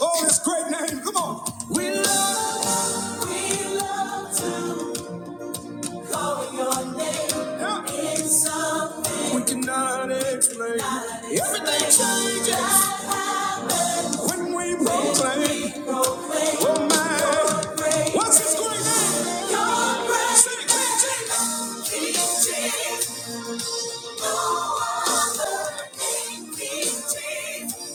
Oh, this great name. Come on. We love, we love to call your name. Yeah. It's something we cannot explain. Not Everything changes explained. when we proclaim. When we proclaim oh, my. your grace. What's his great name? Your grace. Say it, King Jesus. King Jesus. No other King, King Jesus.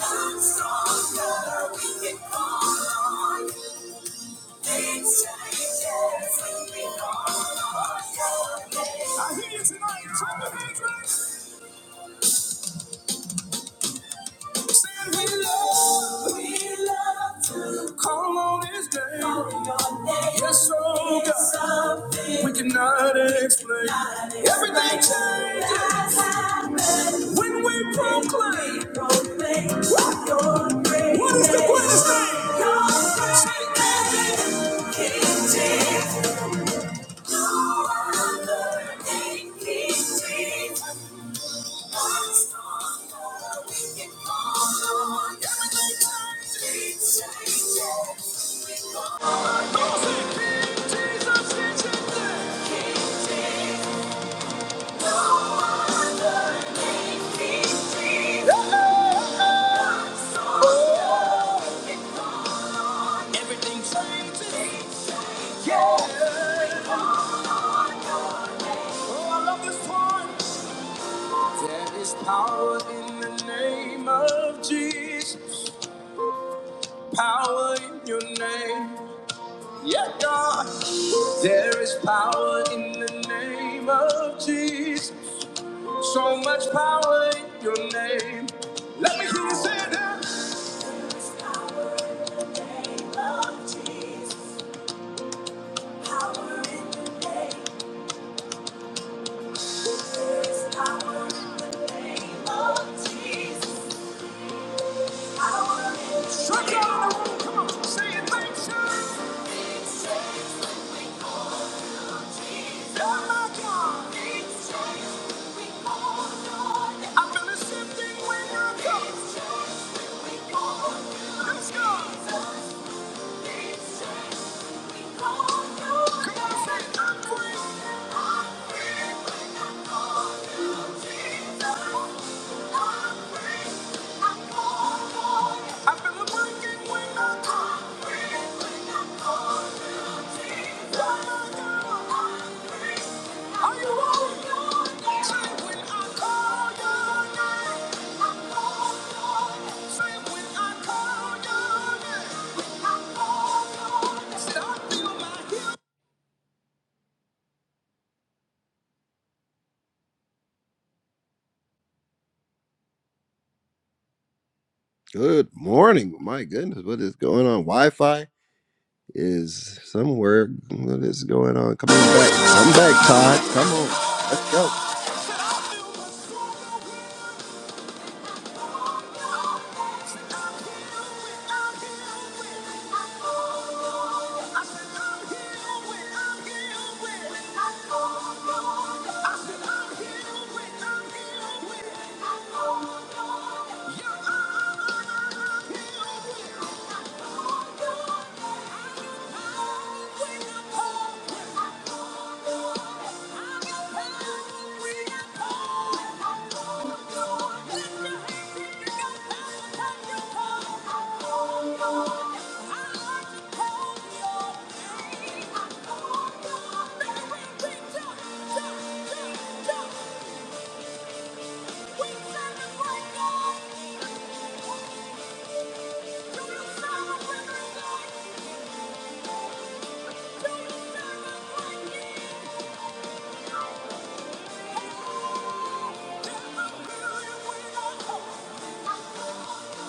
i stronger. We can call. on. I hear you tonight. Turn the page back. Saying we love, we love to call on His name. Call your name. Yes, oh God, we cannot explain. Everything changes when we proclaim. We What is the greatest name? Your great name, King Jesus. Everything changes. Yeah. Oh, I love this one. There is power in the name of Jesus. Power in your name. Yeah, God. There is power in the name of Jesus. So much power in your name. Let me hear you say that. Power in the name of Jesus. Power in the name. There is power in the name of Jesus. Power in the name. Strike out. Let's go! I've been a working when I talk, when I talk. Good morning. My goodness, what is going on? Wi Fi is somewhere. What is going on? Come on back. Come back, Todd. Come on. Let's go. Thank you. Thank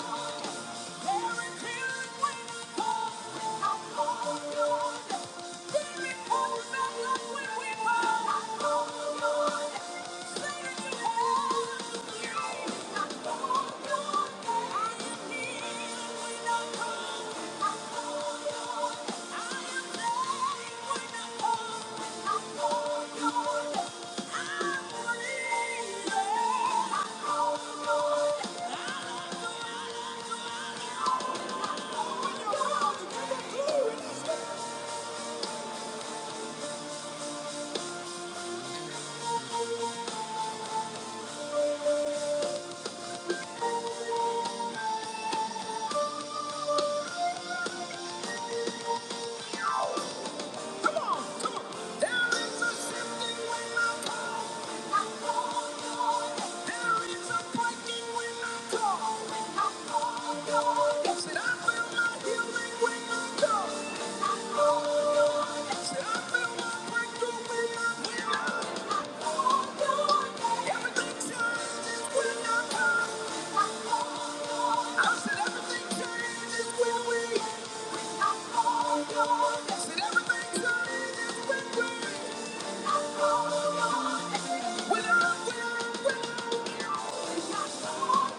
you. Thank you. Everything's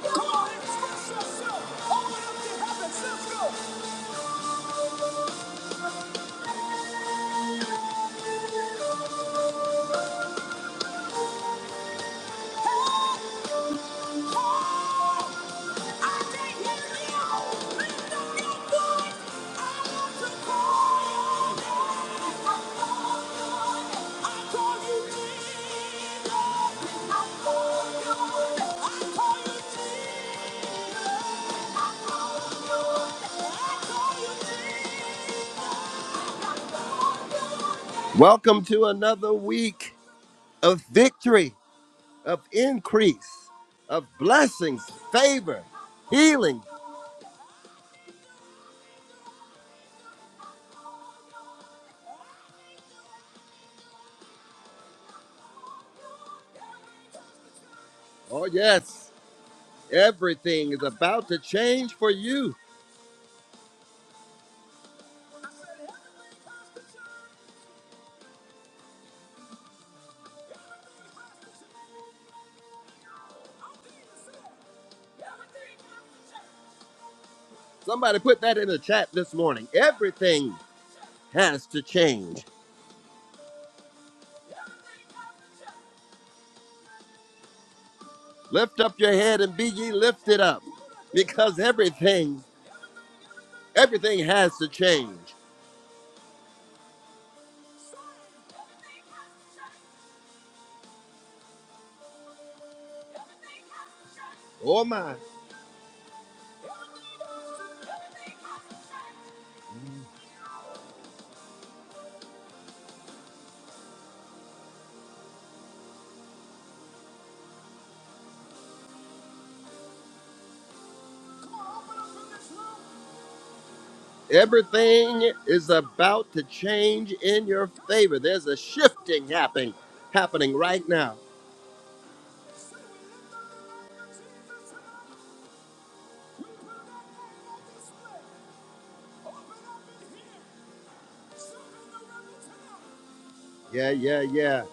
Come on, express yourself. Open up your heavens. Let's go. Hey, hey. Welcome to another week of victory, of increase, of blessings, favor, healing. Oh, yes, everything is about to change for you. Somebody put that in the chat this morning. Everything has to change. Lift up your head and be ye lifted up because everything, everything has to change. Oh my. Everything is about to change in your favor. There's a shifting happening happening right now. Yeah, yeah, yeah.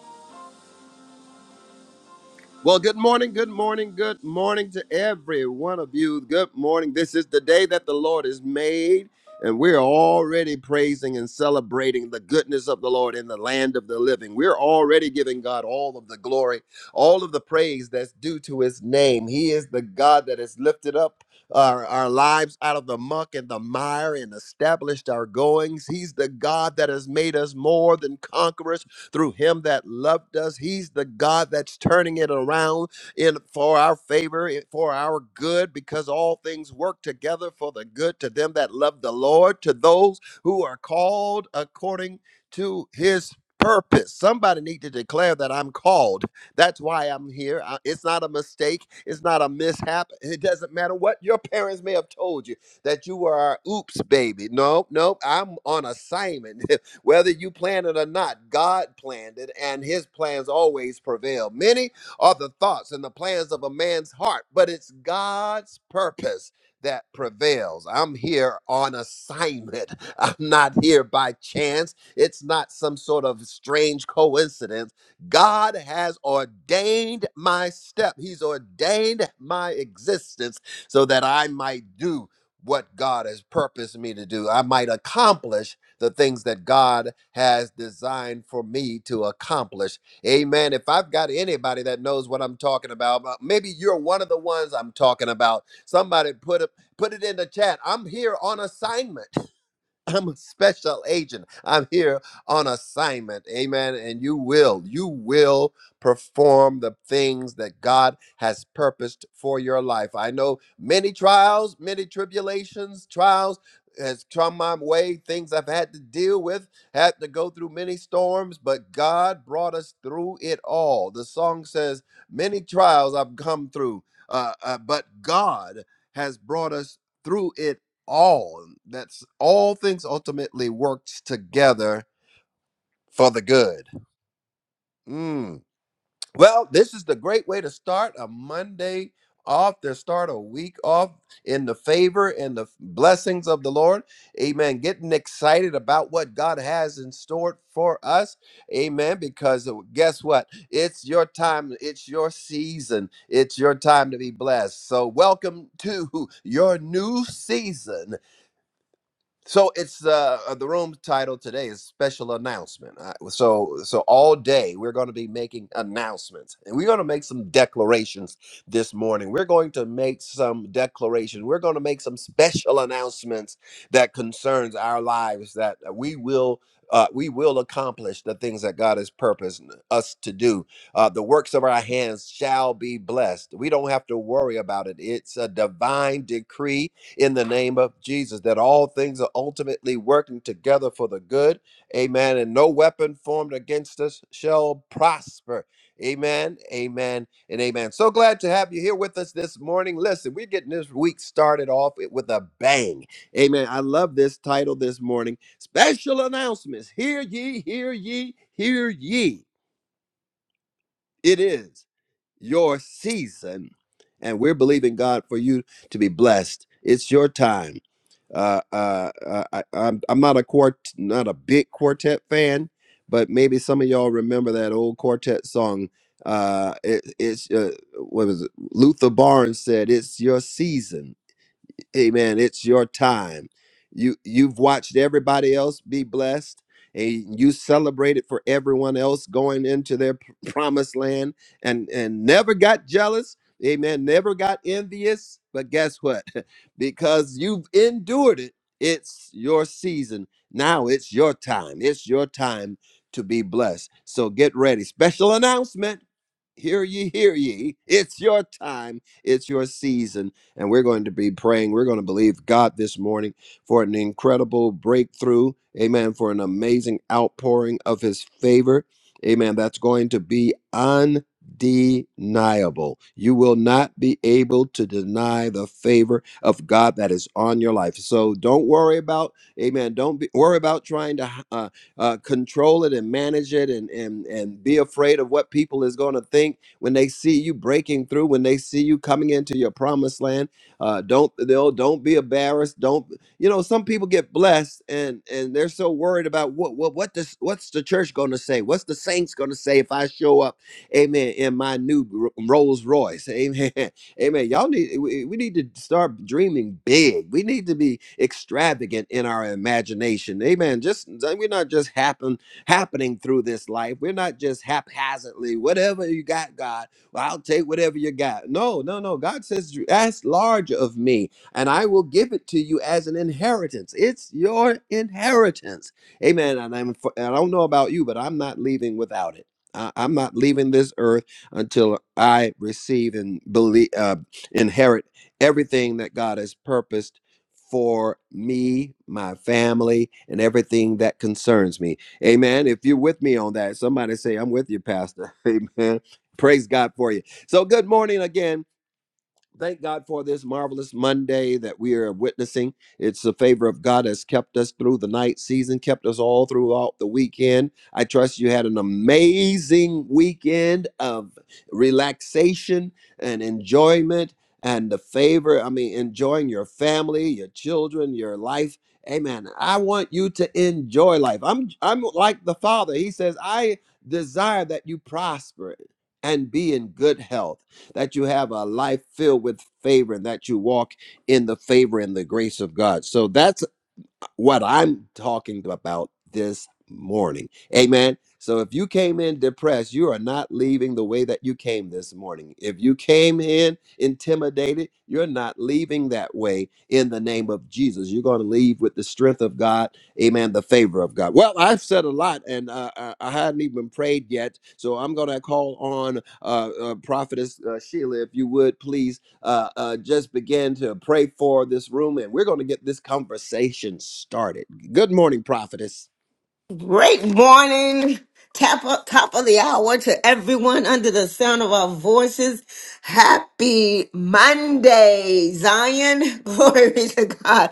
Well, good morning, good morning, good morning to every one of you. Good morning. This is the day that the Lord has made, and we're already praising and celebrating the goodness of the Lord in the land of the living. We're already giving God all of the glory, all of the praise that's due to his name. He is the God that has lifted up. Our, our lives out of the muck and the mire and established our goings. He's the God that has made us more than conquerors through him that loved us. He's the God that's turning it around in for our favor, in- for our good, because all things work together for the good to them that love the Lord, to those who are called according to his purpose. Somebody need to declare that I'm called. That's why I'm here. I- It's not a mistake. It's not a mishap. It doesn't matter what your parents may have told you that you were our oops baby. No, no, I'm on assignment. Whether you planned it or not, God planned it, and his plans always prevail. Many are the thoughts and the plans of a man's heart, but it's God's purpose that prevails. I'm here on assignment. I'm not here by chance. It's not some sort of strange coincidence. God has ordained my step, He's ordained my existence so that I might do what God has purposed me to do. I might accomplish the things that God has designed for me to accomplish. Amen. If I've got anybody that knows what I'm talking about, uh, maybe you're one of the ones I'm talking about. Somebody put it put it in the chat. I'm here on assignment. I'm a special agent. I'm here on assignment. Amen. And you will, you will perform the things that God has purposed for your life. I know many trials, many tribulations, trials has come my way, things I've had to deal with, had to go through many storms, but God brought us through it all. The song says, Many trials I've come through, uh, uh, but God has brought us through it all. That's all things ultimately works together for the good. Mm. Well, this is the great way to start a Monday off, to start a week off in the favor and the blessings of the Lord. Amen. Getting excited about what God has in store for us. Amen. Because guess what? It's your time, it's your season, it's your time to be blessed. So, welcome to your new season So it's uh, uh, the room title today is special announcement. Uh, so so all day we're going to be making announcements, and we're going to make some declarations this morning. We're going to make some declarations. We're going to make some special announcements that concerns our lives that uh, we will. Uh, we will accomplish the things that God has purposed us to do. Uh, the works of our hands shall be blessed. We don't have to worry about it. It's a divine decree in the name of Jesus, that all things are ultimately working together for the good. Amen. And no weapon formed against us shall prosper. Amen, amen, and amen. So glad to have you here with us this morning. Listen, we're getting this week started off with a bang. Amen. I love this title this morning Special Announcements. Hear ye, hear ye, hear ye. It is your season, and we're believing God for you to be blessed. It's your time. Uh, uh, uh, I, I'm, I'm not a quart, not a big quartet fan, but maybe some of y'all remember that old quartet song. Uh, it, it's uh, what was it? Luther Barnes said, "It's your season." Amen. It's your time. You you've watched everybody else be blessed, and you celebrated for everyone else going into their p- promised land, and and never got jealous. Amen. Never got envious. But guess what? because you've endured it, it's your season. Now it's your time. It's your time to be blessed. So get ready. Special announcement. Hear ye, hear ye. It's your time. It's your season and we're going to be praying. We're going to believe God this morning for an incredible breakthrough. Amen. For an amazing outpouring of his favor. Amen. That's going to be undeniable. You will not be able to deny the favor of God that is on your life. So don't worry about, amen. Don't be, worry about trying to uh, uh, control it and manage it and, and, and be afraid of what people is going to think when they see you breaking through, when they see you coming into your promised land uh, don't they'll don't be embarrassed. Don't you know? Some people get blessed and and they're so worried about what what what this what's the church going to say? What's the saints going to say if I show up? Amen. In my new Ro- Rolls Royce. Amen. Amen. Y'all need we, we need to start dreaming big. We need to be extravagant in our imagination. Amen. Just we're not just happen happening through this life. We're not just haphazardly. Whatever you got, God. Well, I'll take whatever you got. No, no, no. God says, ask large of me, and I will give it to you as an inheritance. It's your inheritance. Amen. And I'm, I don't know about you, but I'm not leaving without it. I, I'm not leaving this earth until I receive and believe, uh, inherit everything that God has purposed for me, my family, and everything that concerns me. Amen. If you're with me on that, somebody say, I'm with you, Pastor. Amen. Praise God for you. So, good morning again. Thank God for this marvelous Monday that we are witnessing. It's the favor of God has kept us through the night season, kept us all throughout the weekend. I trust you had an amazing weekend of relaxation and enjoyment and the favor. I mean, enjoying your family, your children, your life. Amen. I want you to enjoy life. I'm I'm like the Father. He says, I desire that you prosper and be in good health that you have a life filled with favor and that you walk in the favor and the grace of God. So that's what I'm talking about this morning. Amen. So if you came in depressed, you are not leaving the way that you came this morning. If you came in intimidated, you're not leaving that way in the name of Jesus. You're going to leave with the strength of God, amen, the favor of God. Well, I've said a lot and uh, I, I hadn't even prayed yet. So I'm going to call on uh, uh, Prophetess uh, Sheila, if you would please uh, uh, just begin to pray for this room, and we're going to get this conversation started. Good morning, prophetess. Great morning, top of, top of the hour to everyone under the sound of our voices. Happy Monday, Zion. Glory be to God.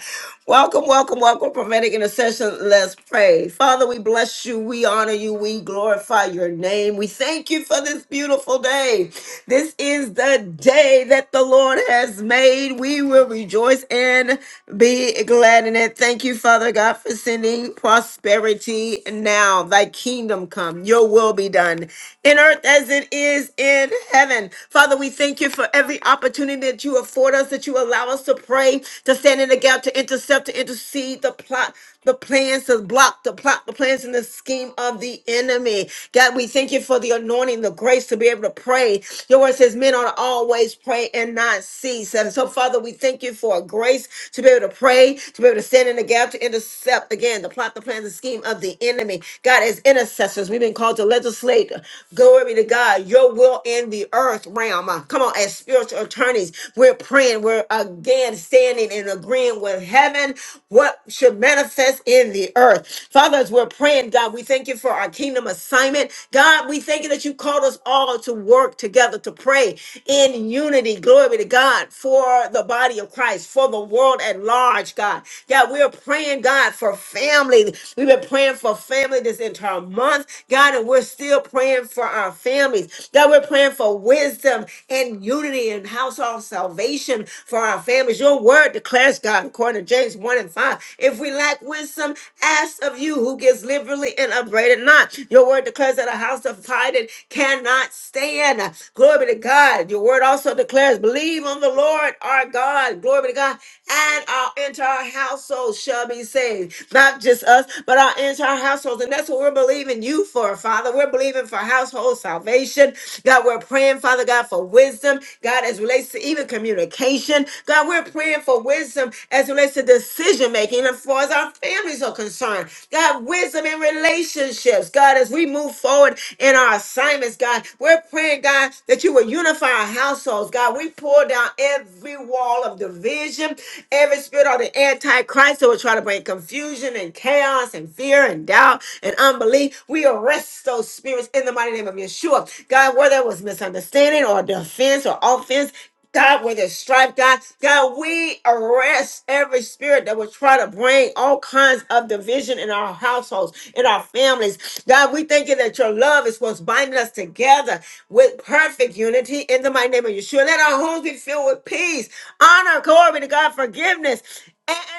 Welcome, welcome, welcome, prophetic intercession. Let's pray. Father, we bless you. We honor you. We glorify your name. We thank you for this beautiful day. This is the day that the Lord has made. We will rejoice and be glad glad in it. Thank you, Father God, for sending prosperity now. Thy kingdom come, your will be done in earth as it is in heaven. Father, we thank you for every opportunity that you afford us, that you allow us to pray, to stand in the gap, to intercept, to intercede, to plot the plans to block the plot, the plans and the scheme of the enemy. God, we thank you for the anointing, the grace to be able to pray. Your word says men ought to always pray and not cease. And so, Father, we thank you for a grace to be able to pray, to be able to stand in the gap, to intercept again the plot, the plans, the scheme of the enemy. God, as intercessors, we've been called to legislate. Glory be to God, your will in the earth realm. Uh, Come on, as spiritual attorneys, we're praying, we're again standing and agreeing with heaven on what should manifest in the earth. Father, as we're praying, God, we thank you for our kingdom assignment. God, we thank you that you called us all to work together, to pray in unity. Glory be to God for the body of Christ, for the world at large, God. God, we're praying, God, for family. We've been praying for family this entire month, God, and we're still praying for our families. God, we're praying for wisdom and unity and household salvation for our families. Your word word declares God, according to James 1 and 5. If we lack wisdom, ask of you who gives liberally and upbraided not. Your word declares that a house divided cannot stand. Glory be to God. Your word also declares, believe on the Lord our God. Glory be to God. And our entire household shall be saved. Not just us, but our entire households. And that's what we're believing you for, Father. We're believing for household salvation. God, we're praying, Father God, for wisdom. God, as relates to even communication education. God, we're praying for wisdom as it relates to decision making as far as our families are concerned. God, wisdom in relationships. God, as we move forward in our assignments, God, we're praying, God, that you will unify our households. God, we pull down every wall of division, every spirit of the antichrist that will try to bring confusion and chaos and fear and doubt and unbelief. We arrest those spirits in the mighty name of Yeshua. God, whether it was misunderstanding or defense or offense, God, with his stripe, God, God, we arrest every spirit that would try to bring all kinds of division in our households, in our families. God, we thank you that your love is what's binding us together with perfect unity in the mighty name of Yeshua. Let our homes be filled with peace, honor, glory to God, forgiveness.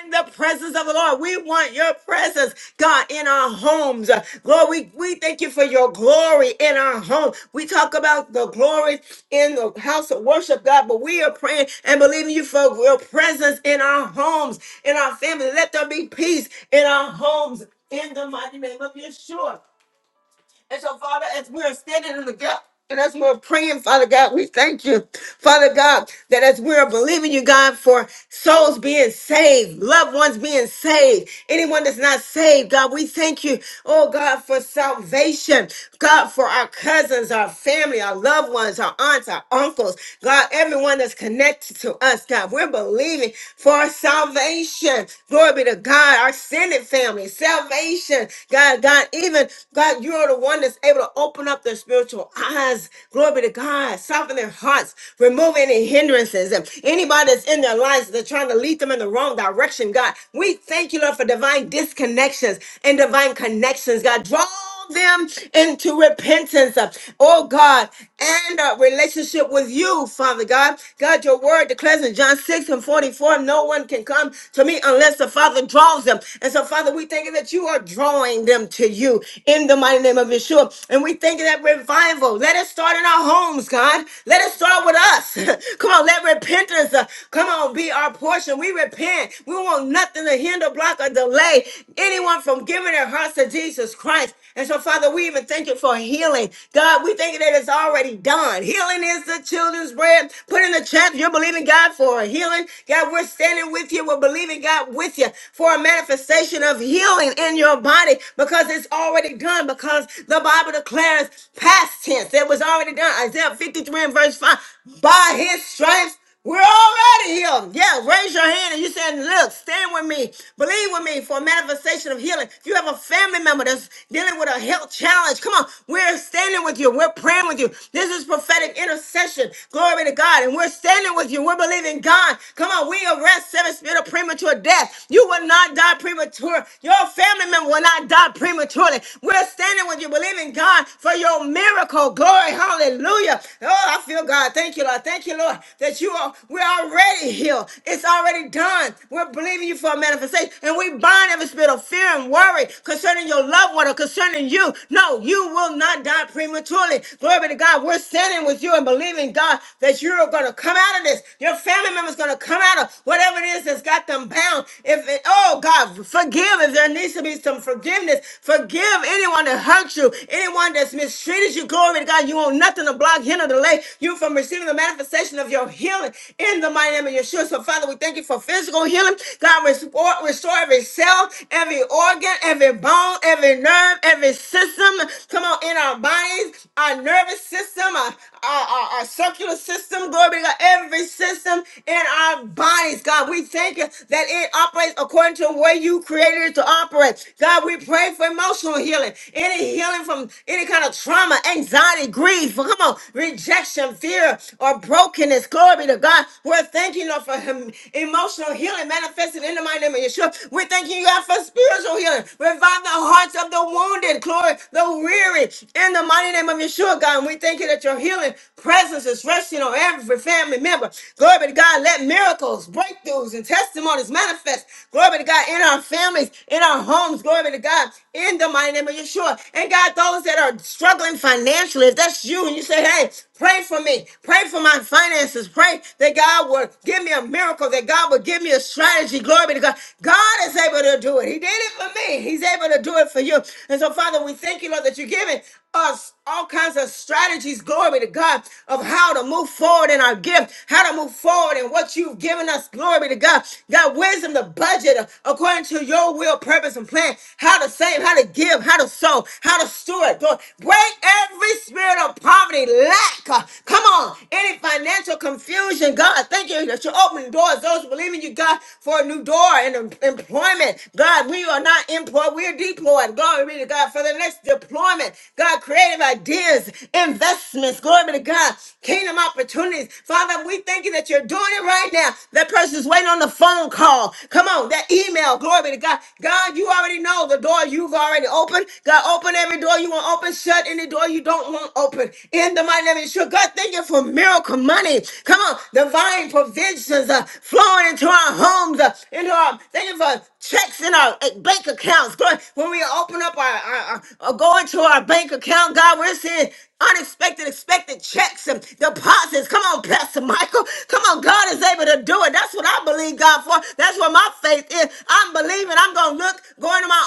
And the presence of the Lord. We want your presence, God, in our homes. Lord, we, we thank you for your glory in our home. We talk about the glory in the house of worship, God, but we are praying and believing you for your presence in our homes, in our families. Let there be peace in our homes in the mighty name of Yeshua. And so, Father, as we are standing in the gap and as we're praying, Father God, we thank you, Father God, that as we're believing you, God, for souls being saved, loved ones being saved, anyone that's not saved, God, we thank you, oh God, for salvation, God, for our cousins, our family, our loved ones, our aunts, our uncles, God, everyone that's connected to us, God, we're believing for our salvation. Glory be to God, our Senate family, salvation, God, God, even God, you're the one that's able to open up up their spiritual eyes. Glory be to God. Soften their hearts. Remove any hindrances. And anybody that's in their lives that's trying to lead them in the wrong direction, God, we thank you, Lord, for divine disconnections and divine connections, God. Draw them into repentance, uh, oh God, and a relationship with you, Father God. God, your word declares in John 6 and 44, no one can come to me unless the Father draws them. And so, Father, we thank you that you are drawing them to you in the mighty name of Yeshua sure. And we thank you that revival. Let it start in our homes, God. Let it start with us. come on, let repentance uh, come on be our portion. We repent. We want nothing to hinder, block, or delay anyone from giving their hearts to Jesus Christ. And so, Father, we even thank you for healing. God, we thank you that it's already done. Healing is the children's bread. Put in the chat, you're believing God for a healing. God, we're standing with you. We're believing God with you for a manifestation of healing in your body because it's already already done because the Bible declares past tense. It was already done. Isaiah 53 and verse 5. By his stripes, we're already healed. Yeah, raise your hand and you saying, look, stand with me. Believe with me for a manifestation of healing. If you have a family member that's dealing with a health challenge, come on. We're standing with you. We're praying with you. This is prophetic intercession. Glory be to God. And we're standing with you. We're believing God. Come on. We arrest every spirit of premature death. You will not die premature. Your family member will not not die prematurely. We're standing with you, believing God for your miracle. Glory, hallelujah. Oh, I feel God. Thank you, Lord. Thank you, Lord, that you are, we're already healed. It's already done. We're believing you for a manifestation. And we bind every spirit of fear and worry concerning your loved one or concerning you. No, you will not die prematurely. Glory be to God. We're standing with you and believing, God, that you are going to come out of this. Your family member's going to come out of whatever it is that's got them bound. If it, oh God, forgive if because there needs to be some forgiveness. Forgive anyone that hurt you, anyone that's mistreated you. Glory to God. You want nothing to block, hinder, delay you from receiving the manifestation of your healing in the mighty name of Yeshua. So, Father, we thank you for physical healing. God, restore, restore every cell, every organ, every bone, every nerve, every system. Come on, in our bodies, our nervous system, our, our, our, our circular system, glory be to God, every system in our bodies, God. We thank you that it operates according to the way you created it to operate. God, we pray for emotional healing, any healing from any kind of trauma, anxiety, grief, well, come on, rejection, fear, or brokenness. Glory be to God. We're thanking you for him, emotional healing manifested in the mighty name of Yeshua. We're thanking you, God, for spiritual healing. Revive the hearts of the wounded, glory, the weary, in the mighty name of Yeshua, God. And we thank thank you that your healing presence is resting on every family member. Glory be to God. Let miracles, breakthroughs, and testimonies manifest. Glory be to God in our families, in our homes. Glory be to God in the mighty name of Yeshua. And God, those that are struggling financially, if that's you and you say, hey, pray for me, pray for my finances, pray that God will give me a miracle, that God will give me a strategy. Glory be to God. God is able to do it. He did it for me. He's able to do it for you. And so, Father, we thank you, Lord, that you're giving us all kinds of strategies, glory to God, of how to move forward in our gift, how to move forward in what you've given us, glory to God. God, wisdom to budget according to your will, purpose, and plan, how to save, how to give, how to sow, how to steward. Lord, break every spirit of poverty, lack. uh, Come on, any financial confusion, God, thank you that you're opening doors. Those who believe in you, God, for a new door and em- employment. God, we are not employed, we're deployed. Glory be to God for the next deployment employment, God, creative ideas, investments, glory be to God, kingdom opportunities. Father, we thank you that you're doing it right now. That person's waiting on the phone call. Come on, that email, glory be to God. God, you already know the door you've already opened. God, open every door you want open, shut any door you don't want open. In the mighty name of Yeshua, God, thank you for miracle money. Come on, divine provisions uh, flowing into our homes, uh, into our, thank you for checks in our uh, bank accounts. Glory, when we open up our, our, our- uh, go into our bank account, God, we're seeing unexpected, expected checks and deposits. Come on, Pastor Michael. Come on, God is able to do it. That's what I believe God for. That's what my faith is. I'm believing. I'm gonna look, going to my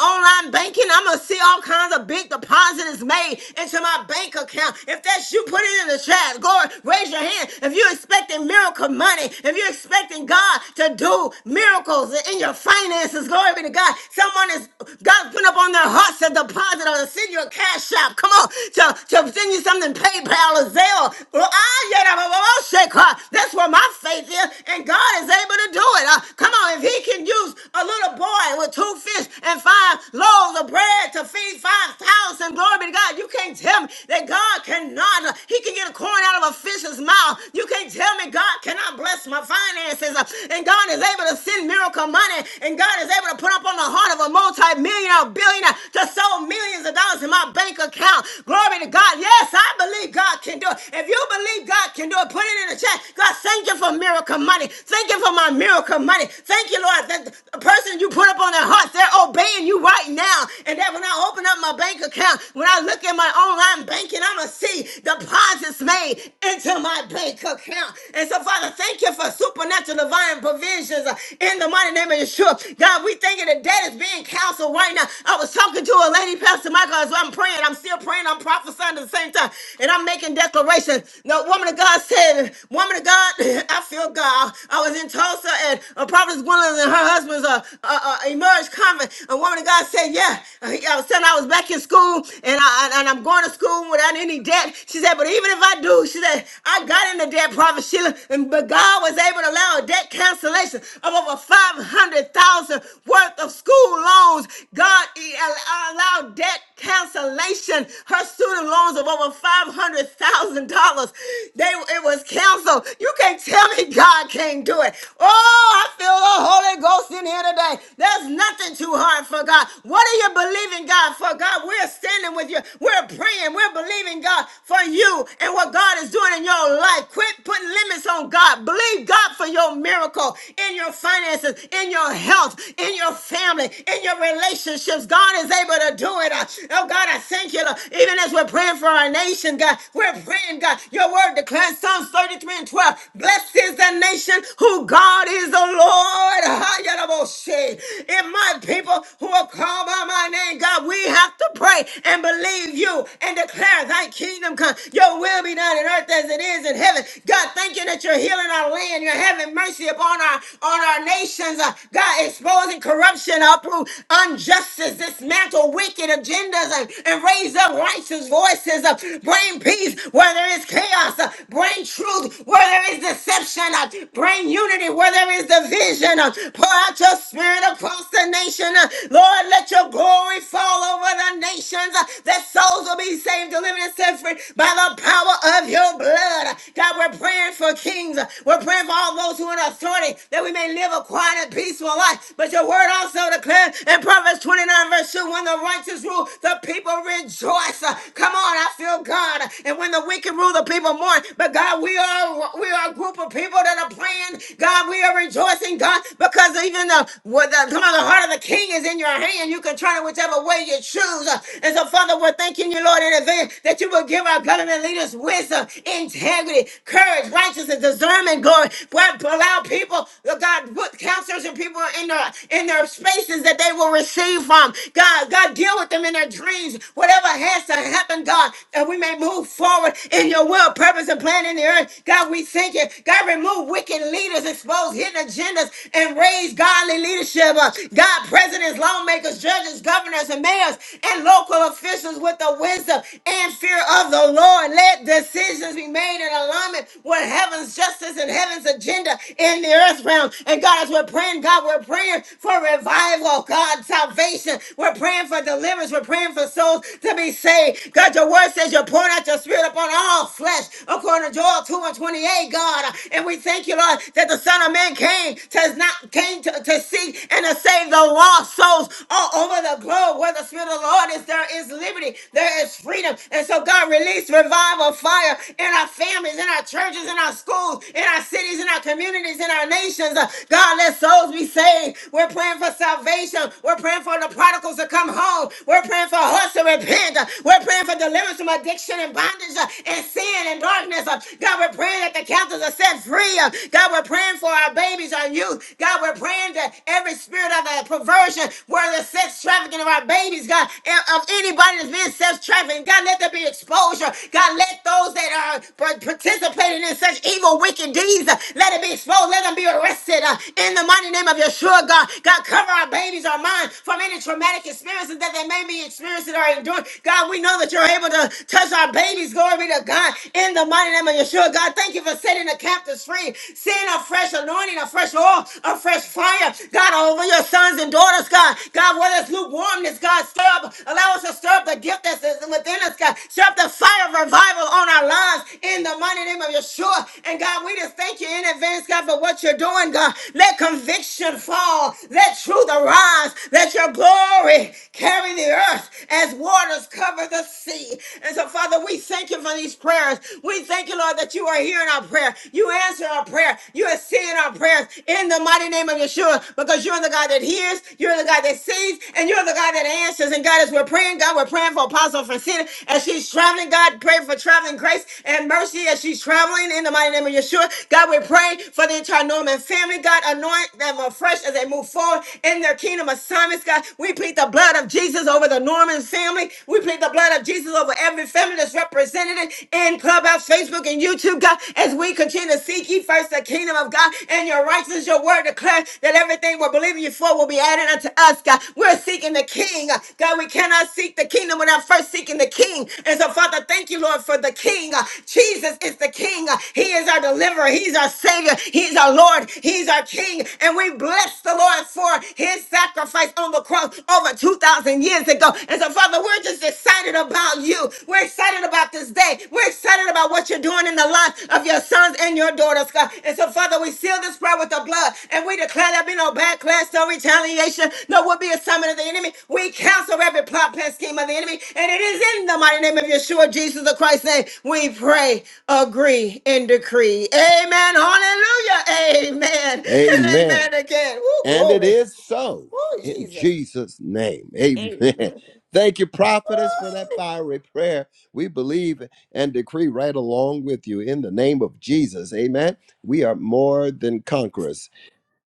online banking. I'm gonna see all kinds of big deposits made into my bank account. If that's you, put it in the chat. Glory, raise your hand. If you're expecting miracle money, if you're expecting God to do miracles in your finances finances. Glory be to God. Someone is God's putting up on their hearts a deposit or to send you a cash shop. Come on, to, to send you something PayPal or Zelle. Well, ah, yeah, da, ba, ba, ba, shake, huh? That's where my faith is, and God is able to do it. Uh, come on, if He can use a little boy with two fish and five loaves of bread to feed five thousand, glory be to God. You can't tell me that God cannot. uh, He can get a coin out of a fish's mouth. You can't tell me God cannot bless my finances, uh, and God is able to send miracle money, and God is able to put up on the heart of a multi-millionaire, billionaire to sow millions of dollars in my bank account. Glory to God. Yes, I believe God can do it. If you believe God can do it, put it in the chat. God, thank you for miracle money. Thank you for my miracle money. Thank you, Lord, that the person you put up on their heart, they're obeying you right now. And that when I open up my bank account, when I look at my online banking, I'm going to see deposits made into my bank account. And so, Father, thank you for supernatural divine provisions uh, in the the mighty name of Yeshua. God, we thank you that that is being counseled right now. I was talking to a lady, Pastor Michael, as I'm praying. I'm still praying. I'm prophesying at the same time. And I'm making declarations. The woman of God said, woman of God, I feel God. I was in Tulsa and a prophetess Gwendolyn and her husband's uh, uh, uh, emerged convent. A woman of God said, yeah. I was telling her I was back in school and, I, and I'm going to school without any debt. She said, but even if I do, she said, I got into debt, Prophet Sheila, and, but God was able to allow a debt cancellation over 500,000 worth of school loans. God e- al- allowed debt cancellation. Her student loans of over $500,000. They It was canceled. You can't tell me God can't do it. Oh, I feel the Holy Ghost in here today. There's nothing too hard for God. What are you believing God for? God, we're standing with you. We're praying. We're believing God for you and what God is doing in your life. Quit putting limits on God. Believe God for your miracle in your finances, in your health, in your family, in your relationships. God is able to do it. Uh, Oh, God, I thank you. Lord. Even as we're praying for our nation, God, we're praying, God. Your word declares Psalms 33 and 12. Blessed is the nation who God is the Lord. Hayalaboshe. If my people who are called by my name, God, we have to pray and believe you and declare thy kingdom come. Your will be done in earth as it is in heaven. God, thank you that you're healing our land. You're having mercy upon on our on our nations. Uh, God, exposing corruption, uproot injustice, dismantle wicked agendas, and, and raise up righteous voices. Uh, bring peace where there is chaos. Uh, bring truth where there is deception. Uh, bring unity where there is division. Uh, pour out your spirit across the nation. Uh, Lord, let your glory fall over the nations. Uh, that souls will be saved, delivered, and set free by the power of your blood. God, we're praying for kings. uh, We're praying for all those who are in on authority that we may live a quiet and peaceful life. But your word also declares in Proverbs 29, verse 2, when the righteous rule, the people rejoice. Uh, Come on, I feel God. And when the wicked rule, the people mourn. But God, we are we are a group of people that are praying. God, we are rejoicing, God, because even the, with the come on, the heart of the king is in your hand. You can turn it whichever way you choose. Uh, And so, Father, we're thanking you, Lord, in advance that you will give our government leaders wisdom, integrity, courage, righteousness, discernment, glory. God, allow people, Lord God, put counselors and people in their in their spaces that they will receive from. God, God, deal with them in their dreams. Whatever has to happen, God, that we may move forward in your will, purpose, and plan in the earth. God, we thank you. God, remove wicked leaders, expose hidden agendas, and raise godly leadership. up. God, presidents, lawmakers, judges, governors, and mayors, and local officials with the wisdom and fear of the Lord. Let decisions be made in alignment with heaven's justice and heaven's heaven's agenda in the earth realm. And God, as we're praying, God, we're praying for revival, God, salvation. We're praying for deliverance. We're praying for souls to be saved. God, your word says you're pouring out your spirit upon all flesh, according to Joel 2 and 28, God. And we thank you, Lord, that the Son of Man came to not came to, to seek and to save the lost souls all over the globe. Where the Spirit of the Lord is, there is liberty, there is freedom. And so, God, release revival fire in our families, in our churches, in our schools, in our cities, in our communities, in our nations. Uh, God, let souls be saved. We're praying for salvation. We're praying for the prodigals to come home. We're praying for us to repent. Uh, We're praying for deliverance from addiction and bondage uh, and sin and darkness. Uh, God, we're praying that the captives are set free. Uh, God, we're praying for our babies, our youth. God, we're praying that every spirit of uh, perversion, where the sex trafficking of our babies, God, and of anybody that's being sex trafficking, God, let there be exposure. God, let those that are par- participating in such evil evil, wicked deeds. Uh, Let it be exposed. Let them be arrested uh, in the mighty name of Yeshua, God. God, cover our babies, our mind from any traumatic experiences that they may be experiencing or enduring. God, we know that you're able to touch our babies. Glory be to God. In the mighty name of Yeshua, God, thank you for setting the captives free. Send a fresh anointing, a fresh oil, a fresh fire. God, over your sons and daughters, God. God, whether it's lukewarmness, God, stir up. Allow us to stir up the gift that's within us, God. Stir up the fire of revival on our lives in the mighty name of Yeshua. Lord. And God, we just thank you in advance, God, for what you're doing, God. Let conviction fall. Let truth arise. Let your glory carry the earth as waters cover the sea. And so, Father, we thank you for these prayers. We thank you, Lord, that you are hearing our prayer. You answer our prayer. You are seeing our prayers in the mighty name of Yeshua because you're the God that hears, you're the God that sees, and you're the God that answers. And God, as we're praying, God, we're praying for Apostle Francina as she's traveling. God, pray for traveling grace and mercy as she travels traveling in the mighty name of Yeshua. God, we pray for the entire Norman family. God, anoint them afresh as they move forward in their kingdom assignments. God, we plead the blood of Jesus over the Norman family. We plead the blood of Jesus over every family that's represented in Clubhouse, Facebook, and YouTube. God, as we continue to seek ye first the kingdom of God and your righteousness, your word declares that everything we're believing you for will be added unto us, God. We're seeking the King. God, we cannot seek the kingdom without first seeking the King. And so, Father, thank you, Lord, for the King. Jesus is is the King. He is our deliverer. He's our Savior. He's our Lord. He's our King. And we bless the Lord for his sacrifice on the cross over 2,000 years ago. And so, Father, we're just excited about you. We're excited about this day. We're excited about what you're doing in the lives of your sons and your daughters, God. And so, Father, we seal this prayer with the blood and we declare there be no backlash, no retaliation, no will be a summon of the enemy. We cancel every plot, plan, scheme of the enemy. And it is in the mighty name of Yeshua, Jesus the Christ's name, we pray agree and decree. Amen. Hallelujah. Amen. And Amen. amen again. Oh, And it glory. is so Oh, in Jesus. Jesus' name. Amen. Amen. Thank you, prophetess, for that fiery prayer. We believe and decree right along with you in the name of Jesus. Amen. We are more than conquerors.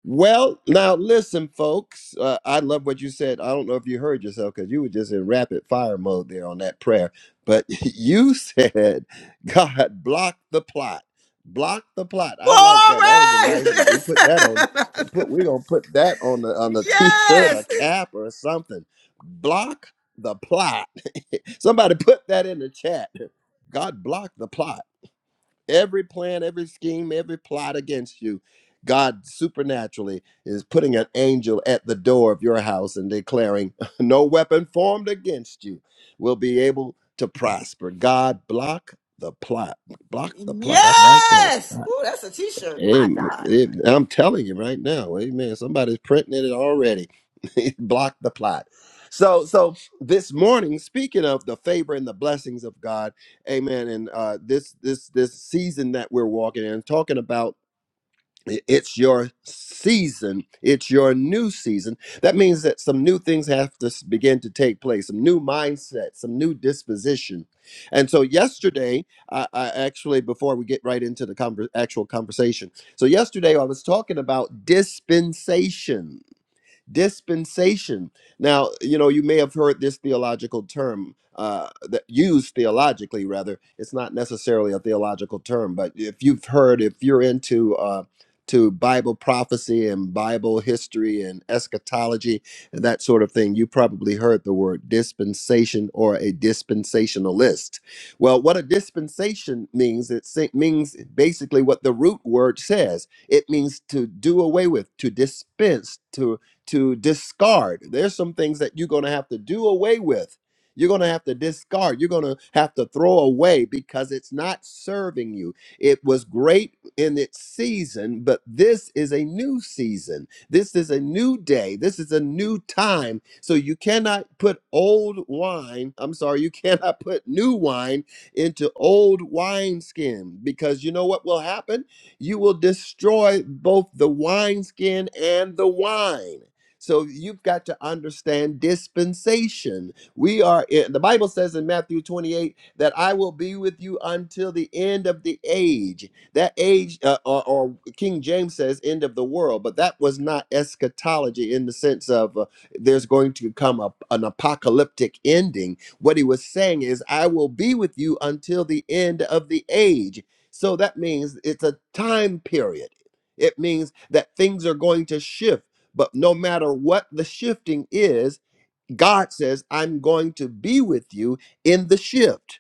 Well, now listen, folks. Uh, I love what you said. I don't know if you heard yourself because you were just in rapid fire mode there on that prayer. But you said, God, block the plot. Block the plot. I like that. Glory. That was a nice. We put that on. Listen. Put we gonna put that on the on a t-shirt, a yes. cap, or something. Block the plot. Somebody put that in the chat. God block the plot. Every plan, every scheme, every plot against you, God supernaturally is putting an angel at the door of your house and declaring, No weapon formed against you will be able to prosper. God, block the plot. Block the plot. I like Yes. that. Oh, that's a t-shirt. My Amen. God. It- I'm telling you right now, amen. Somebody's printing it already. Block the plot. So, so this morning, speaking of the favor and the blessings of God, amen. And uh, this this this season that we're walking in, talking about. It's your season. It's your new season. That means that some new things have to s- begin to take place, some new mindset, some new disposition. And so, yesterday, I, I actually, before we get right into the conver- actual conversation, so yesterday I was talking about dispensations dispensation now you know you may have heard this theological term uh that used theologically rather it's not necessarily a theological term but if you've heard if you're into uh to bible prophecy and bible history and eschatology and that sort of thing you probably heard the word dispensation or a dispensationalist well what a dispensation means it sa- means basically what the root word says it means to do away with to dispense to discard. There's some things that you're going to have to do away with. You're going to have to discard. You're going to have to throw away because it's not serving you. It was great in its season, but this is a new season. This is a new day. This is a new time. So you cannot put old wine, I'm sorry, you cannot put new wine into old wineskin because you know what will happen? You will destroy both the wineskin and the wine. So you've got to understand dispensation. We are in, the Bible says in Matthew 28 that I will be with you until the end of the age. That age, uh, or, or King James says end of the world, but that was not eschatology in the sense of uh, there's going to come a, an apocalyptic ending. What he was saying is, I will be with you until the end of the age. So that means it's a time period. It means that things are going to shift but no matter what the shifting is, God says, I'm going to be with you in the shift.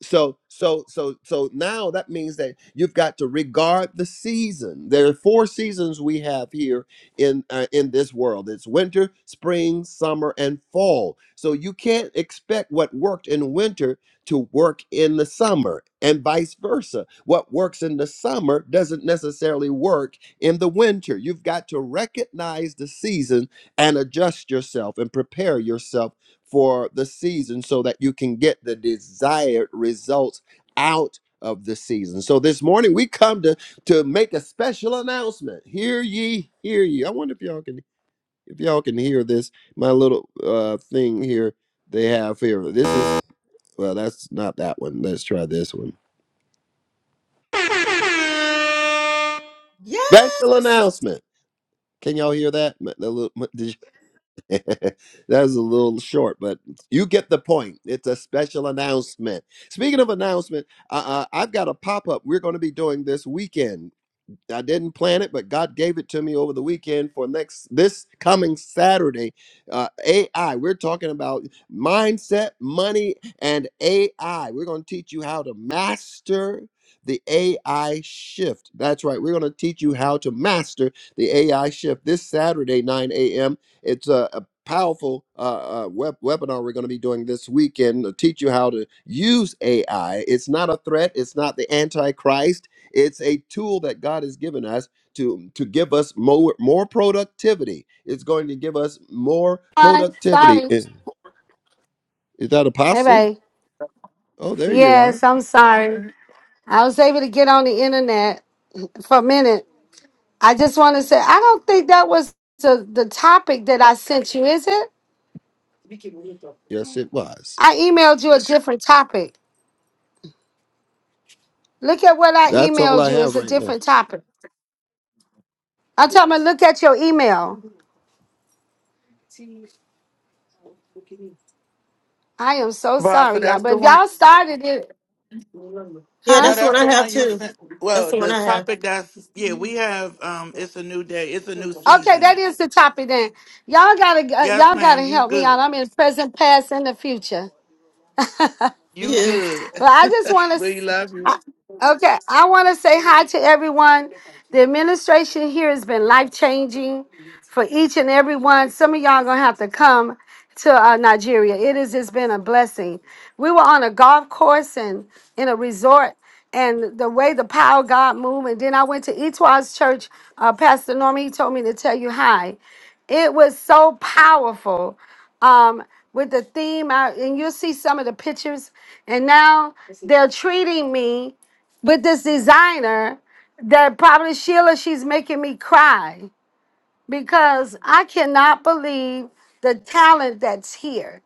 So, so, so, so now that means that you've got to regard the season. There are four seasons we have here in uh, in this world. It's winter, spring, summer, and fall. So you can't expect what worked in winter to work in the summer, and vice versa. What works in the summer doesn't necessarily work in the winter. You've got to recognize the season and adjust yourself and prepare yourself for the season so that you can get the desired results out of the season. So this morning we come to to make a special announcement. Hear ye, hear ye. I wonder if y'all can if y'all can hear this my little uh thing here they have here. This is well that's not that one. Let's try this one. Special Yes. announcement. Can y'all hear that? My- the little- my- that was a little short, but you get the point. It's a special announcement. Speaking of announcement, uh, uh, I've got a pop up we're going to be doing this weekend. I didn't plan it, but God gave it to me over the weekend for next this coming Saturday. Uh, AI. We're talking about mindset, money, and AI. We're going to teach you how to master the AI shift. That's right. We're going to teach you how to master the AI shift this Saturday, 9 a.m. It's a, a powerful uh, uh, web, webinar we're going to be doing this weekend to teach you how to use AI. It's not a threat. It's not the antichrist it's a tool that God has given us to, to give us more, more productivity. It's going to give us more sorry. productivity. Sorry. Eh, Is that Hey, apostle? babe. Oh, there you are. Yes, I'm sorry. I was able to get on the internet for a minute. I just want to say, I don't think that was the, the topic that I sent you, is it? Yes, it was. I emailed you a different topic. Look at what I That's all emailed I you. have It's a right now. different topic. I'm talking about look at your email. I am so Wow, so sorry, y'all. that's the But if one. y'all started it, Yeah, huh? No, that's what that's the I have one you too. sent. That's Well, the one the I have. topic that's yeah, we have um it's a new day, it's a new Okay, that season. is the topic then. Y'all gotta, uh, Yes, y'all gotta ma'am, you help me out. good. I'm in present, past, and the future. You Yeah. good. But I just want We love you. to, okay, I want to say hi to everyone. The administration here has been life changing for each and every one. Some of y'all gonna have to come to uh, Nigeria. It is, it has just been a blessing. We were on a golf course and in a resort, and the way the power of God moved. And then I went to Etwa's church. Uh, Pastor Norman, he told me to tell you hi. It was so powerful um, with the theme, I, and you'll see some of the pictures. And now they're treating me with this designer that probably Sheila, she's making me cry because I cannot believe the talent that's here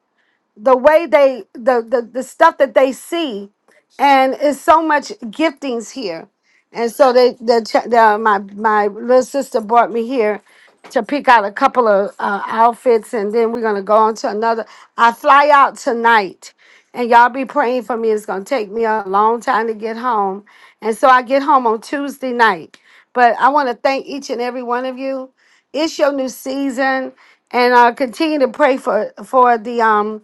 the way they the, the the stuff that they see and it's so much giftings here and so they the, ch- the my my little sister brought me here to pick out a couple of uh, outfits and then we're gonna go on to another i fly out tonight and y'all be praying for me it's gonna take me a long time to get home and so i get home on tuesday night but i want to thank each and every one of you it's your new season and uh, continue to pray for for the um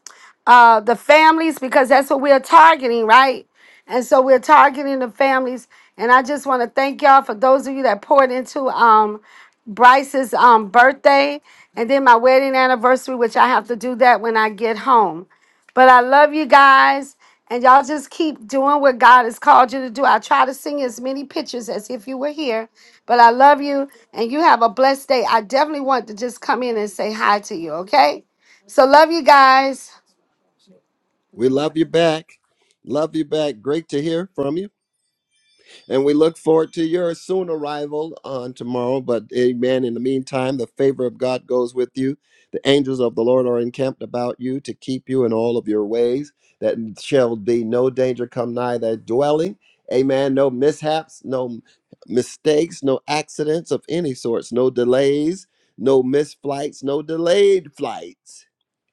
uh, the families because that's what we're targeting, right? And so we're targeting the families. And I just want to thank y'all for those of you that poured into um, Bryce's um, birthday and then my wedding anniversary, which I have to do that when I get home. But I love you guys. And y'all just keep doing what God has called you to do. I try to sing as many pictures as if you were here, but I love you and you have a blessed day. I definitely want to just come in and say hi to you, okay? So, love you guys. We love you back. Love you back. Great to hear from you. And we look forward to your soon arrival on tomorrow. But amen. In the meantime, the favor of God goes with you. The angels of the Lord are encamped about you to keep you in all of your ways, that shall be no danger come nigh thy dwelling. Amen. No mishaps, no mistakes, no accidents of any sorts, no delays, no missed flights, no delayed flights.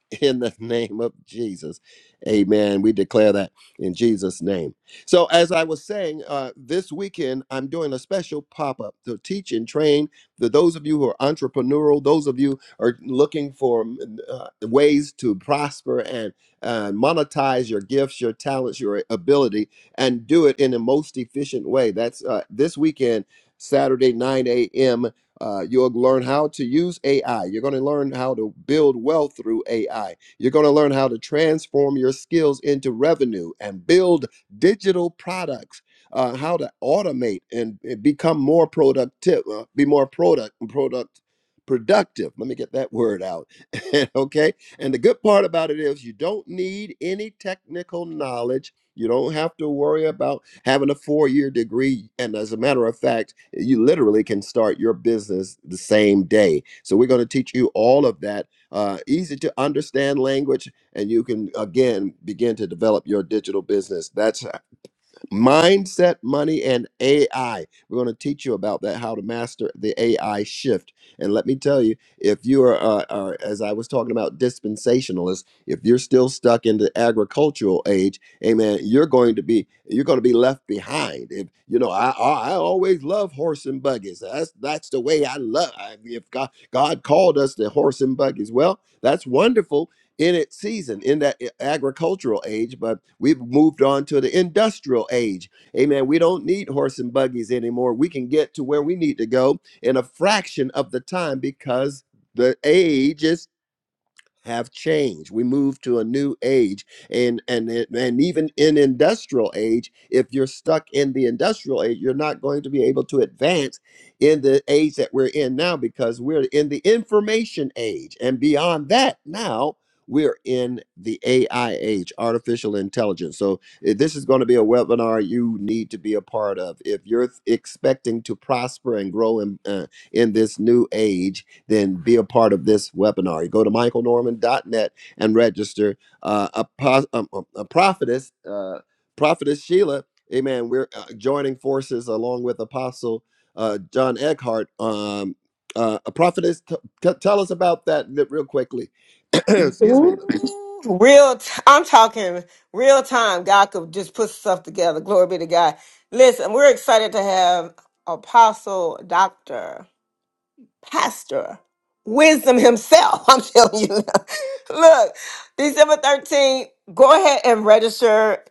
in the name of Jesus. Amen. We declare that in Jesus' name. So, as I was saying, uh, this weekend I'm doing a special pop up to teach and train the, those of you who are entrepreneurial, those of you who are looking for mm, uh, ways to prosper and uh, monetize your gifts, your talents, your ability, and do it in the most efficient way. That's uh, this weekend. Saturday, 9 a.m. Uh, you'll learn how to use AI. You're going to learn how to build wealth through AI. You're going to learn how to transform your skills into revenue and build digital products. Uh, how to automate and, and become more productive, uh, be more product product productive. Let me get that word out. okay. And the good part about it is you don't need any technical knowledge. You don't have to worry about Having a four year degree, and as a matter of fact, you literally can start your business the same day. So we're going to teach you all of that. Uh, easy to understand language, and you can again begin to develop your digital business. That's mindset, money, and AI. We're going to teach you about that, how to master the AI shift. And let me tell you, if you are, uh, are as I was talking about, dispensationalists, if you're still stuck in the agricultural age, amen, you're going to be you're going to be left behind. If you know, I I I always love horse and buggies. That's that's the way I love. I, if God God called us the horse and buggies, well, that's wonderful in its season in that eh, agricultural age, but we've moved on to the industrial age. Amen. We don't need horse and buggies anymore. We can get to where we need to go in a fraction of the time because the age is have changed. We move to a new age, and and it- and even in industrial age, if you're stuck in the industrial age, you're not going to be able to advance in the age that we're in now because we're in the information age, and beyond that, now we're in the AI age, artificial intelligence. So eh, this is going to be a webinar you need to be a part of if you're expecting to prosper and grow in uh, in this new age then be a part of this webinar. You go to michael norman dot net and register. Uh, a, pos- um, um, a prophetess, uh, prophetess Sheila, amen. We're uh, joining forces along with Apostle uh, John Eckhart. Um, uh, a prophetess, t- t- tell us about that li- real quickly. Excuse Ooh, me. Real, t- I'm talking real time. God could just put stuff together. Glory be to God. Listen, we're excited to have Apostle, Doctor, Pastor, Wisdom himself. I'm telling you. Look, December 13th. Go ahead and register.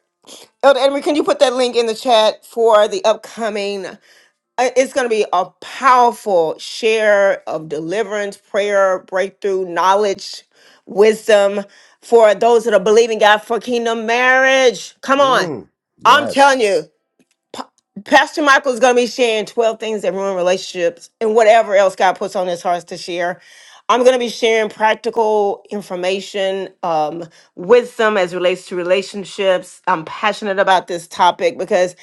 Elder Edwin, can you put that link in the chat for the upcoming? I- it's going to be a powerful share of deliverance, prayer, breakthrough, knowledge, wisdom for those that are believing God for kingdom marriage. Come on. Mm, I'm yes, telling you, Pastor Michael is going to be sharing 12 things that ruin relationships and whatever else God puts on his heart to share. I'm going to be sharing practical information, um, wisdom as relates to relationships. I'm passionate about this topic because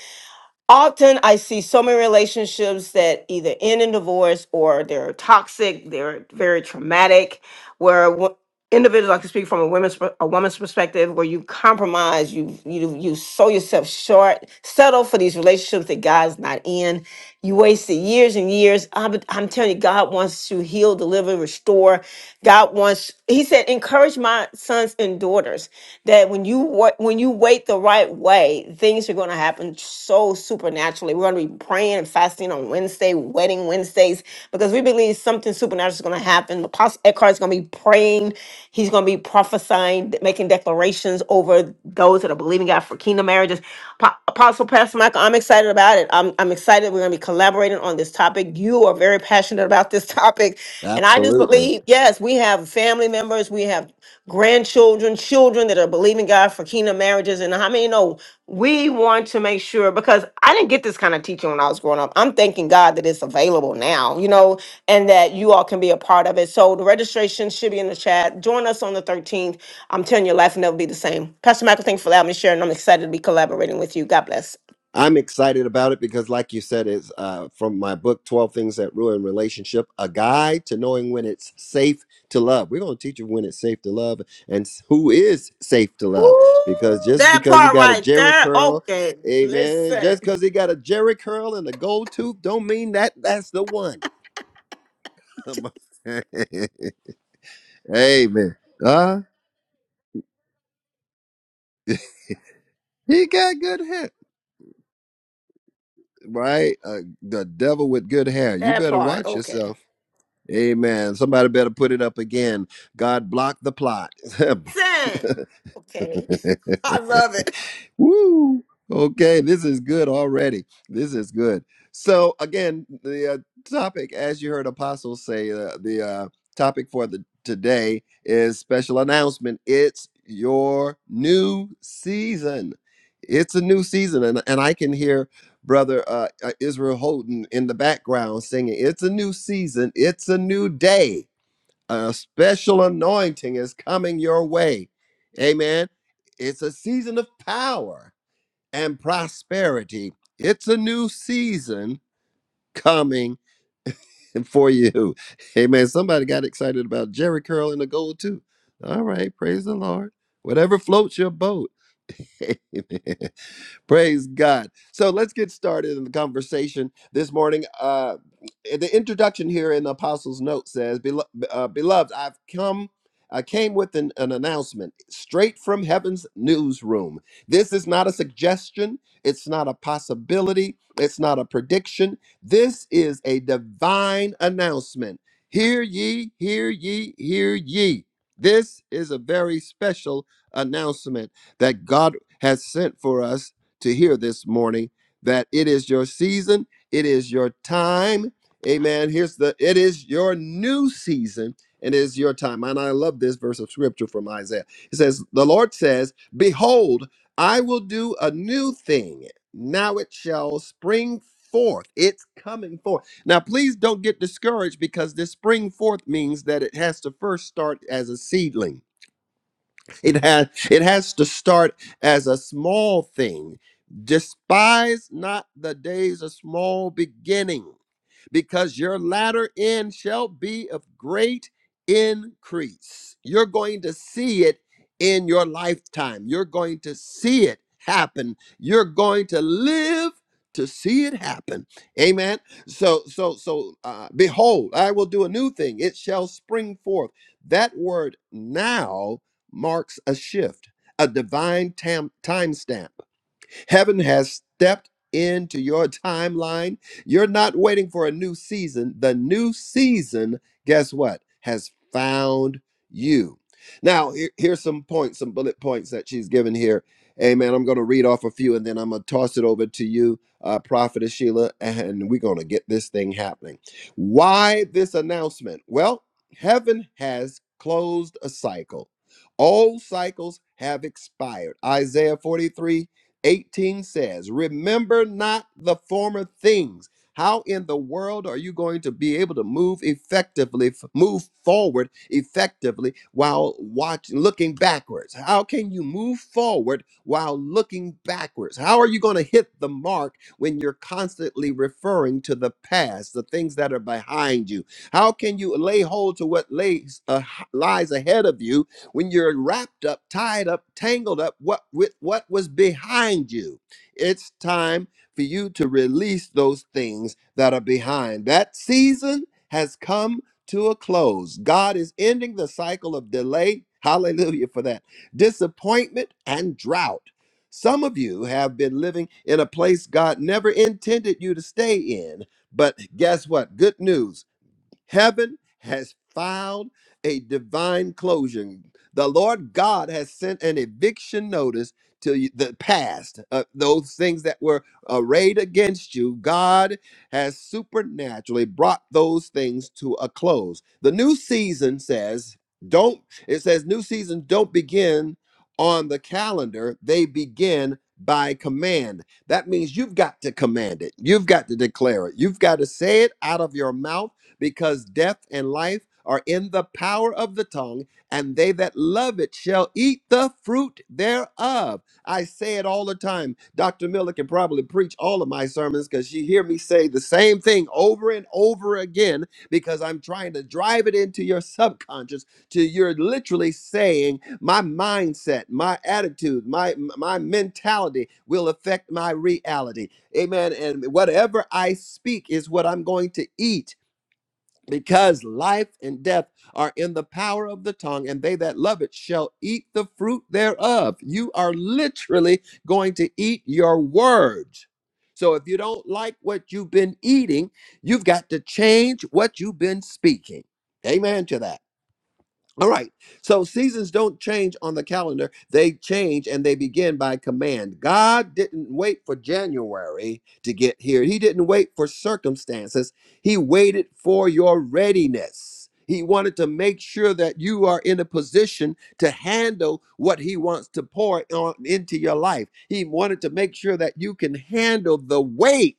often I see so many relationships that either end in divorce or they're toxic, they're very traumatic, where individuals, I can speak from a women's per- a woman's perspective, where you compromise, you you you sew yourself short, settle for these relationships that God's not in. You wasted years and years. I'm, I'm telling you, God wants to heal, deliver, restore. God wants. He said, encourage my sons and daughters that when you wa- when you wait the right way, things are going to happen so supernaturally. We're going to be praying and fasting on Wednesday, wedding Wednesdays, because we believe something supernatural is going to happen. Apostle Eckhart is going to be praying. He's going to be prophesying, making declarations over those that are believing God for kingdom marriages. Po- Apostle Pastor Michael, I'm excited about it. I'm, I'm excited. We're going to be collaborating on this topic. You are very passionate about this topic. And I just absolutely. believe, yes, we have family members, we have grandchildren, children that are believing God for kingdom marriages. And how many know? we want to make sure because I didn't get this kind of teaching when I was growing up. I'm thanking God that it's available now, you know, and that you all can be a part of it. So the registration should be in the chat. Join us on the 13th. I'm telling you, your life will never be the same. Pastor Michael, thanks for allowing me to share, and I'm excited to be collaborating with you. God bless. I'm excited about it because, like you said, it's uh, from my book, 12 Things That Ruin Relationship, a guide to knowing when it's safe to love. We're going to teach you when it's safe to love and s- who is safe to love. Ooh, Because just that because he part got a right jerry there. curl, Okay. amen, Listen. just because he got a jerry curl and a gold tooth don't mean that that's the one. amen. Uh, he got good hair, right? Uh, the devil with good hair. You That better part. watch Okay. yourself Amen. Somebody better put it up again. God blocked the plot. Listen. Okay. I love it. Woo! Okay, this is good already. This is good. So again, the uh, topic, as you heard Apostles say, uh, the uh, topic for the today is special announcement. It's your new season. It's a new season, and and I can hear Brother uh, uh, Israel Holden in the background singing. It's a new season. It's a new day a special anointing is coming your way. Amen. It's a season of power and prosperity. It's a new season coming for you. Amen. Somebody got excited about Jerry Curl and the gold too. All right, praise the Lord. Whatever floats your boat. Amen. Praise God. So let's get started in the conversation this morning. Uh, the introduction here in the Apostles' Note says, "Belo- uh, Beloved, I've come. I came with an, an announcement straight from heaven's newsroom. This is not a suggestion. It's not a possibility. It's not a prediction. This is a divine announcement. Hear ye, hear ye, hear ye. This is a very special announcement that God has sent for us to hear this morning that it is your season, it is your time. Amen. Here's the it is your new season and it is your time. And I love this verse of scripture from Isaiah. It says, The Lord says, Behold, I will do a new thing. Now it shall spring forth. It's coming forth. Now, please don't get discouraged because this spring forth means that it has to first start as a seedling. It has it has to start as a small thing. Despise not the days of small beginning, because your latter end shall be of great increase. You're going to see it in your lifetime. You're going to see it happen. You're going to live to see it happen. Amen. So so so uh, behold, I will do a new thing. It shall spring forth. That word now marks a shift, a divine tam- timestamp Heaven has stepped into your timeline. You're not waiting for a new season. The new season, guess what, has found you. Now, here- here's some points, some bullet points that she's given here. Amen. I'm going to read off a few and then I'm going to toss it over to you, uh, Prophetess Sheila, and we're going to get this thing happening. Why this announcement? Well, heaven has closed a cycle. All cycles have expired. Isaiah 43. 18 says, Remember not the former things. How in the world are you going to be able to move effectively, f- move forward effectively while watching, looking backwards? How can you move forward while looking backwards? How are you going to hit the mark when you're constantly referring to the past, the things that are behind you? How can you lay hold to what lays, uh, h- lies ahead of you when you're wrapped up, tied up, tangled up what, with what was behind you. It's time for you to release those things that are behind. That season has come to a close. God is ending the cycle of delay. Hallelujah for that. Disappointment and drought. Some of you have been living in a place God never intended you to stay in. But guess what? Good news. Heaven has filed a divine closure. The Lord God has sent an eviction notice to you- the past. Uh, those things that were arrayed against you, God has supernaturally brought those things to a close. The new season says, don't, it says, new seasons don't begin on the calendar, they begin by command. That means you've got to command it. You've got to declare it. You've got to say it out of your mouth because death and life are in the power of the tongue, and they that love it shall eat the fruit thereof. I say it all the time. Dr. Miller can probably preach all of my sermons because she hear me say the same thing over and over again because I'm trying to drive it into your subconscious to you're literally saying my mindset, my attitude, my my mentality will affect my reality. Amen. And whatever I speak is what I'm going to eat because life and death are in the power of the tongue, and they that love it shall eat the fruit thereof. You are literally going to eat your words. So if you don't like what you've been eating, you've got to change what you've been speaking. Amen to that. All right. So seasons don't change on the calendar. They change and they begin by command. God didn't wait for January to get here. He didn't wait for circumstances. He waited for your readiness. He wanted to make sure that you are in a position to handle what he wants to pour on into your life. He wanted to make sure that you can handle the weight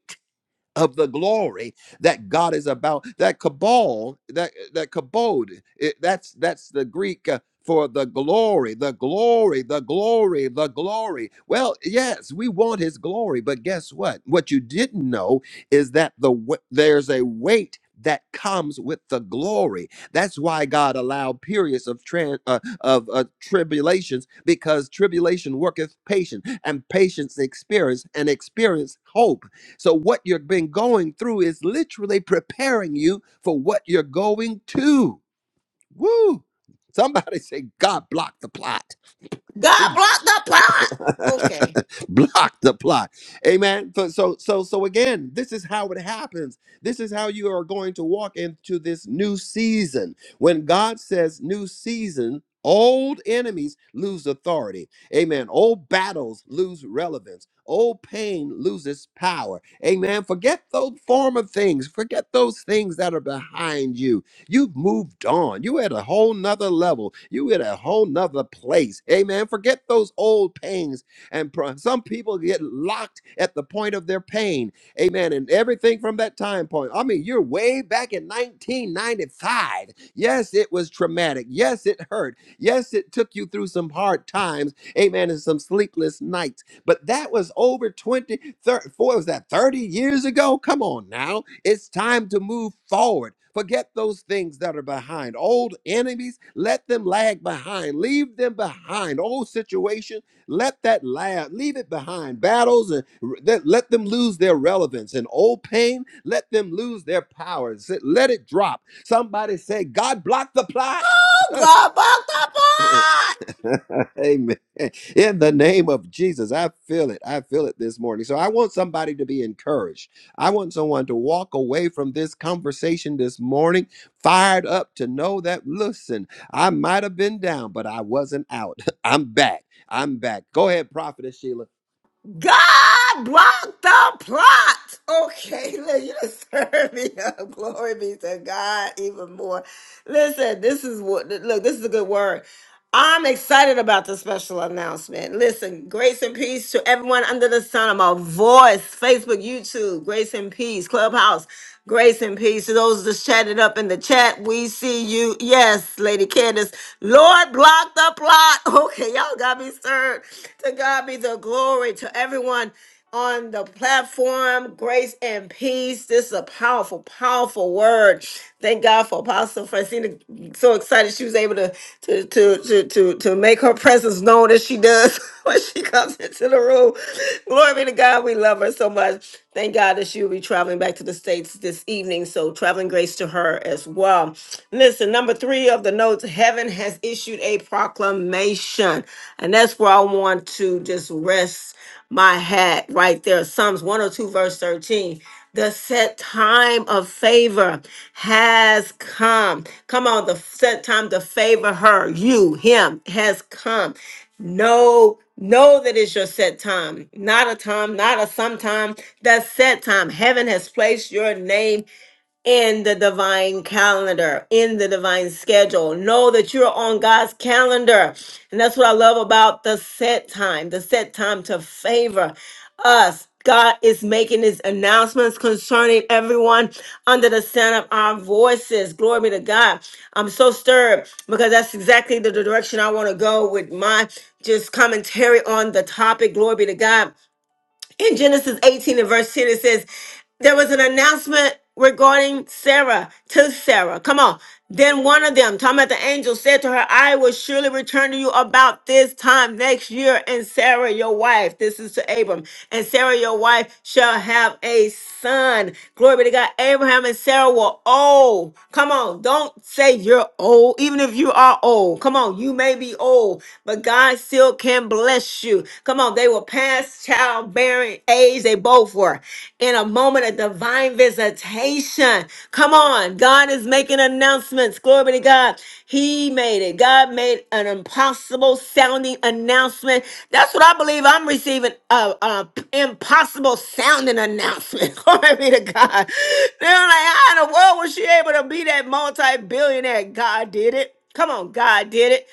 of the glory that God is about. That cabal, that that kabod, it, that's that's the Greek uh, for the glory, the glory, the glory, the glory. Well, yes, we want His glory, but guess what? What you didn't know is that the w- there's a weight. That comes with the glory. That's why God allowed periods of tran- uh, of uh, tribulations, because tribulation worketh patience, and patience experience, and experience hope so, what you've been going through is literally preparing you for what you're going to. Woo! Somebody say, God blocked the plot. God blocked the plot. Okay. block the plot amen so, so so so again this is how it happens this is how you are going to walk into this new season when god says new season old enemies lose authority amen old battles lose relevance old pain loses power amen forget those former things forget those things that are behind you You've moved on. You at a whole nother level. You at a whole nother place. Amen. Forget those old pains. And pro- some people get locked at the point of their pain. Amen. And everything from that time point. I mean, you're way back in 1995. Yes, it was traumatic. Yes, it hurt. Yes, it took you through some hard times. Amen. And some sleepless nights. But that was over twenty, thirty, four. was that 30 years ago? Come on now. It's time to move forward. Forget those things that are behind. Old enemies, let them lag behind. Leave them behind. Old situation, let that lag, leave it behind. Battles, and r- that- let them lose their relevance. And old pain, let them lose their powers. Let it drop. Somebody say, God block the plot. Oh, God blocked the plot. Amen. In the name of Jesus, I feel it. I feel it this morning. So I want somebody to be encouraged. I want someone to walk away from this conversation this morning, fired up to know that, listen, I might have been down, but I wasn't out. I'm back. I'm back. Go ahead, Prophetess Sheila. God blocked the plot. Okay, listen, you just served me up. Glory be to God even more. Listen, this is what look, this is a good word. I'm excited about the special announcement. Listen, grace and peace to everyone under the sun of my voice. Facebook, YouTube, grace and peace, Clubhouse, grace and peace. To those just chatted up in the chat, we see you. Yes, Lady Candace. Lord, block the plot. Okay, y'all got me stirred. To God be the glory to everyone on the platform. Grace and peace. This is a powerful, powerful word. Thank God for Apostle Francina. So excited she was able to to to to to, to make her presence known as she does when she comes into the room. Glory be to God. We love her so much. Thank God that she'll be traveling back to the States this evening. So, traveling grace to her as well. Listen, number three of the notes heaven has issued a proclamation. And that's where I want to just rest my hat right there. Psalms 102, verse 13. The set time of favor has come. Come on, the set time to favor her, you, him has come. Know, know that it's your set time, not a time, not a sometime. The set time. Heaven has placed your name in the divine calendar, in the divine schedule. Know that you're on God's calendar. And that's what I love about the set time, the set time to favor us. God is making his announcements concerning everyone under the sound of our voices. Glory be to God. I'm so stirred because that's exactly the direction I want to go with my just commentary on the topic. Glory be to God. In Genesis 18 and verse 10, it says, There was an announcement regarding Sarah to Sarah. Come on. Then one of them, talking about the angel, said to her, I will surely return to you about this time next year, and Sarah, your wife, this is to Abram, and Sarah, your wife, shall have a son. Glory be to God. Abraham and Sarah were old. Come on. Don't say you're old, even if you are old. Come on. You may be old, but God still can bless bless you. Come on, they were past childbearing age. They both were in a moment of divine visitation. Come on, God is making announcements. Glory be to God. He made it. God made an impossible sounding announcement. That's what I believe. I'm receiving a, a p- impossible sounding announcement. Glory be to God. They're like, how in the world was she able to be that multi billionaire? God did it. Come on, God did it.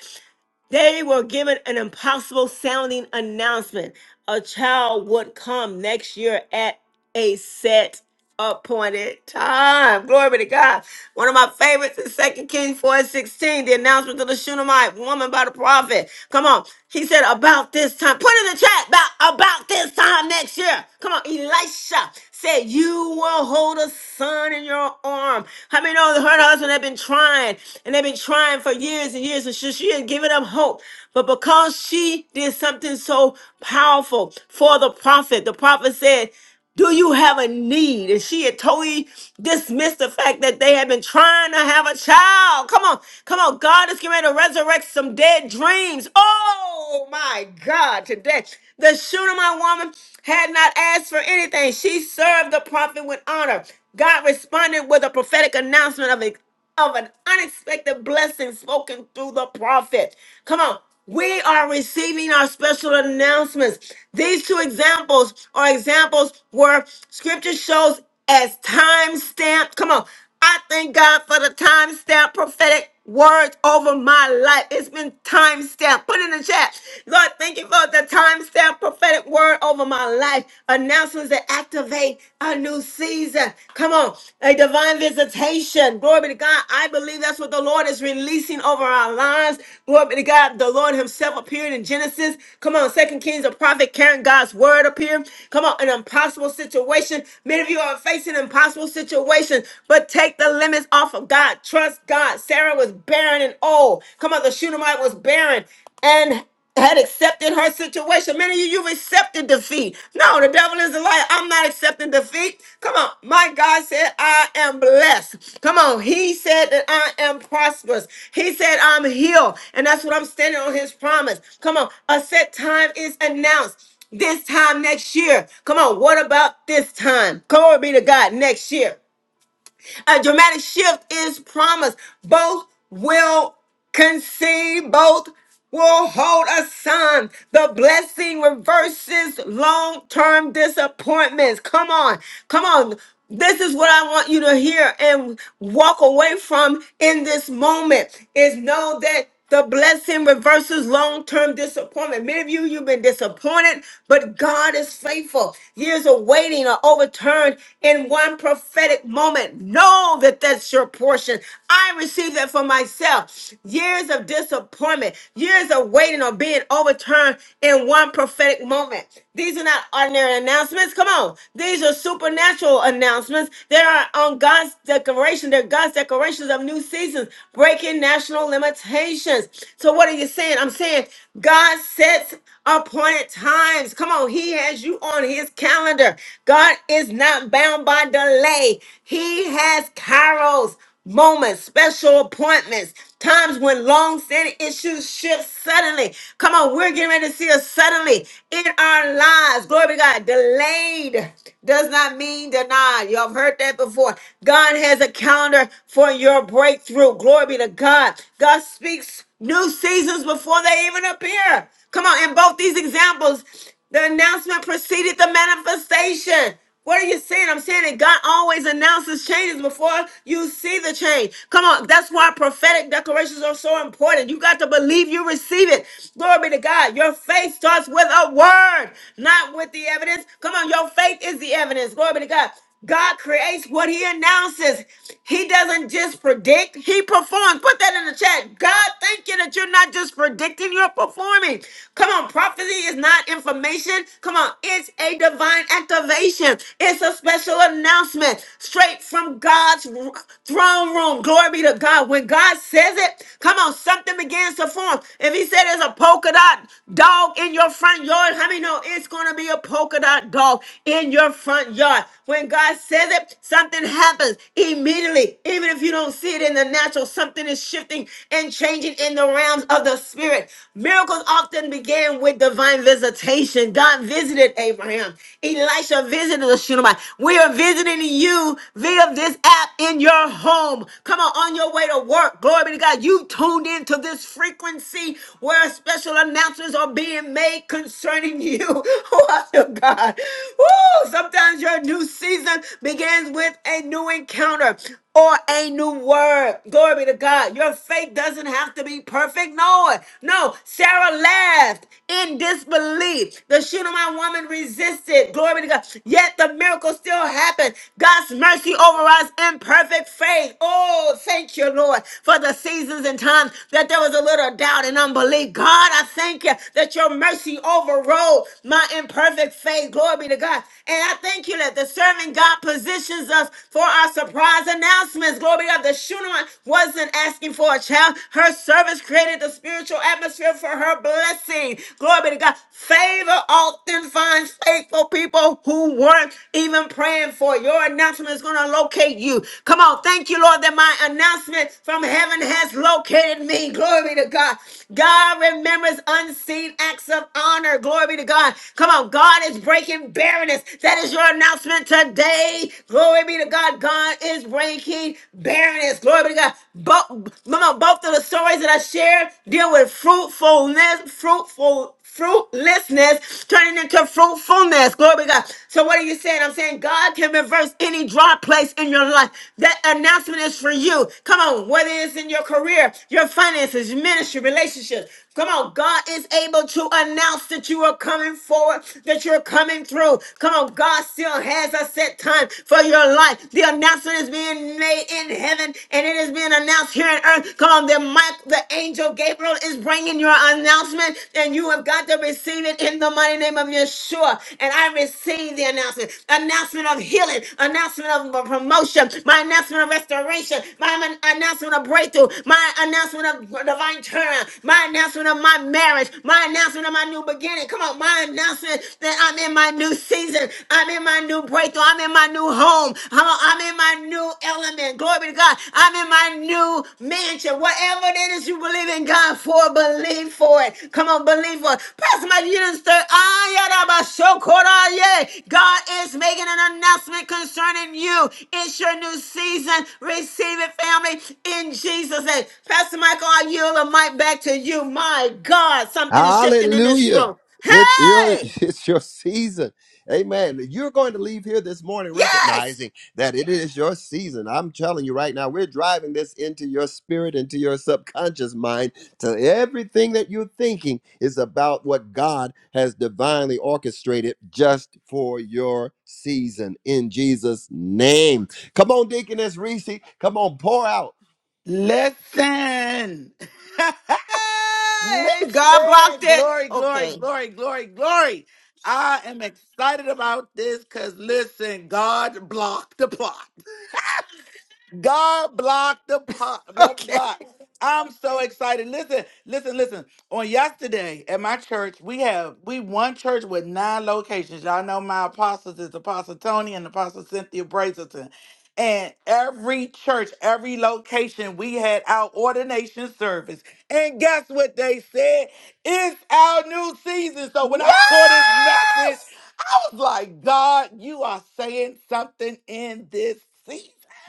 They were given an impossible sounding announcement. A child would come next year at a set appointed time. Glory be to God. One of my favorites is Second Kings 4 and 16, the announcement of the Shunammite woman by the prophet. Come on. He said, about this time. Put in the chat about, about this time next year. Come on. Elisha said, You will hold a son in your arm. How many know that her husband had been trying and they've been trying for years and years and she, she had given up hope. But because she did something so powerful for the prophet, the prophet said, do you have a need? And she had totally dismissed the fact that they had been trying to have a child. Come on, come on. God is getting ready to resurrect some dead dreams. Oh my God, today. The Shunammite woman had not asked for anything. She served the prophet with honor. God responded with a prophetic announcement of of an unexpected blessing spoken through the prophet. Come on. We are receiving our special announcements. These two examples are examples where scripture shows as time stamp. Come on. I thank God for the time stamp prophetic word over my life. It's been time stamped. Put it in the chat. Lord, thank you for the time stamp prophetic word over my life. Announcements that activate a new season. Come on. A divine visitation. Glory be to God. I believe that's what the Lord is releasing over our lives. Glory be to God. The Lord Himself appeared in Genesis. Come on, Second Kings, a prophet carrying God's word appeared. Come on, an impossible situation. Many of you are facing impossible situations, but take the limits off off of God. Trust God. Sarah was barren and old. Come on, the Shunammite was barren and had accepted her situation. Many of you, you've accepted defeat. No, the devil is a liar. I'm not accepting defeat. Come on. My God said, I am blessed. Come on. He said that I am prosperous. He said, I'm healed. And that's what I'm standing on his promise. Come on. A set time is announced this time next year. Come on, what about this time? Glory be to God next year. A dramatic shift is promised. Both will conceive, both will hold a son. The blessing reverses long term disappointments. Come on, come on. This is what I want you to hear and walk away from in this moment is know that. The blessing reverses long term disappointment. Many of you, you've been disappointed, but God is faithful. Years of waiting are overturned in one prophetic moment. Know that that's your portion. I received that for myself. Years of disappointment, years of waiting are being overturned in one prophetic moment. These are not ordinary announcements. Come on. These are supernatural announcements. They are on God's declaration. They're God's declarations of new seasons, breaking national national limitations. So, what are you saying? I'm saying God sets appointed times. Come on, He has you on His calendar. God is not bound by delay, He has kairos moments, special appointments, times when long-standing issues shift suddenly. Come on, we're getting ready to see a suddenly in our lives. Glory to God. Delayed does not mean denied. Y'all have heard that before. God has a calendar for your breakthrough glory be to God. God speaks new seasons before they even appear. Come on, in both these examples, the announcement preceded the manifestation. What are you seeing? I'm saying that God always announces changes before you see the change. Come on, that's why prophetic declarations are so important. You got to believe you receive it. Glory be to God. Your faith starts with a word, not with the evidence. Come on, your faith is the evidence. Glory be to God. God creates what he announces. He doesn't just predict, he performs. Put that in the chat. God, thank you that you're not just predicting, you're performing. Come on, prophecy is not information. Come on, it's a divine activation. It's a special announcement straight from God's r- throne room. Glory be to God. When God says it, come on, something begins to form. If he said there's a polka dot dog in your front yard, how many know it's going to be a polka dot dog in your front yard? When God says it, something happens immediately. Even if you don't see it in the natural, something is shifting and changing in the realms of the spirit. Miracles often began with divine visitation. God visited Abraham. Elisha visited the Shunammite. We are visiting you via this app in your home. Come on, on your way to work. Glory be to God. You tuned into this frequency where special announcements are being made concerning you. Oh, God. Woo! Sometimes Sometimes your new season begins with a new encounter or a new word. Glory be to God. Your faith doesn't have to be perfect. No, no. Sarah laughed in disbelief. The Shunammite woman resisted. Glory be to God. Yet the miracle still happened. God's mercy over us in perfect faith. Oh, thank you, Lord, for the seasons and times that there was a little doubt and unbelief. God, I thank you that your mercy overrode my imperfect faith. Glory be to God. And I thank you that the serving God positions us for our surprise announcements. Glory to God. The Shunammite wasn't asking for a child. Her service created the spiritual atmosphere for her blessing. Glory be to God. Favor often finds faithful people who weren't even praying for. it. Your announcement is going to locate you. Come on. Thank you, Lord, that my announcement from heaven has located me. Glory be to God. God remembers unseen acts of honor. Glory be to God. Come on. God is breaking barriers barrenness. That is your announcement today. Glory be to God. God is breaking barrenness. Glory be to God. Both, mama, both of the stories that I shared deal with fruitfulness, fruitful, fruitlessness turning into fruitfulness. Glory be to God. So what are you saying? I'm saying God can reverse any dry place in your life. That announcement is for you. Come on, whether it's in your career, your finances, your ministry, relationships. Come on, God is able to announce that you are coming forward, that you're coming coming through. Come on, God still has a set time for your life. The announcement is being made in heaven and it is being announced here on earth. Come on, the, Michael, the angel Gabriel is bringing your announcement and you have got to receive it in the mighty name of Yeshua. And I receive the announcement. Announcement of healing, announcement of promotion, my announcement of restoration, my announcement of breakthrough, my announcement of divine turnaround, my announcement of my marriage, my announcement of my new beginning. Come on, my announcement season. I'm in my new season. I'm in my new breakthrough. I'm in my new home. I'm, I'm in my new element. Glory be to God. I'm in my new mansion. Whatever it is you believe in God for, believe for it. Come on, believe for it. Pastor Mike, you didn't stir. God is making an announcement concerning you. It's your new season. Receive it, family, in Jesus' name. Pastor Michael, I yield the mic back to you. My God, something is shifting in this Hallelujah. room. It's your Hey! it's your season. Amen. You're going to leave here this morning Yes. recognizing that it is your season. I'm telling you right now, we're driving this into your spirit, into your subconscious mind. So everything that you're thinking is about what God has divinely orchestrated just for your season in Jesus' name. Come on, Deaconess Reese. Come on, pour out. Listen. Listen. Yay! God blocked it. Glory, glory, Okay. glory, glory, glory. I am excited about this cuz listen, God blocked the plot. God blocked the pot. The Okay. block. I'm so excited. Listen, listen, listen. On yesterday at my church, we have we one church with nine locations. Y'all know my apostles is Apostle Tony and Apostle Cynthia Brazelton. And every church, every location, we had our ordination service. And guess what they said? It's our new season. So when I saw this message, Yes. I was like, God, you are saying something in this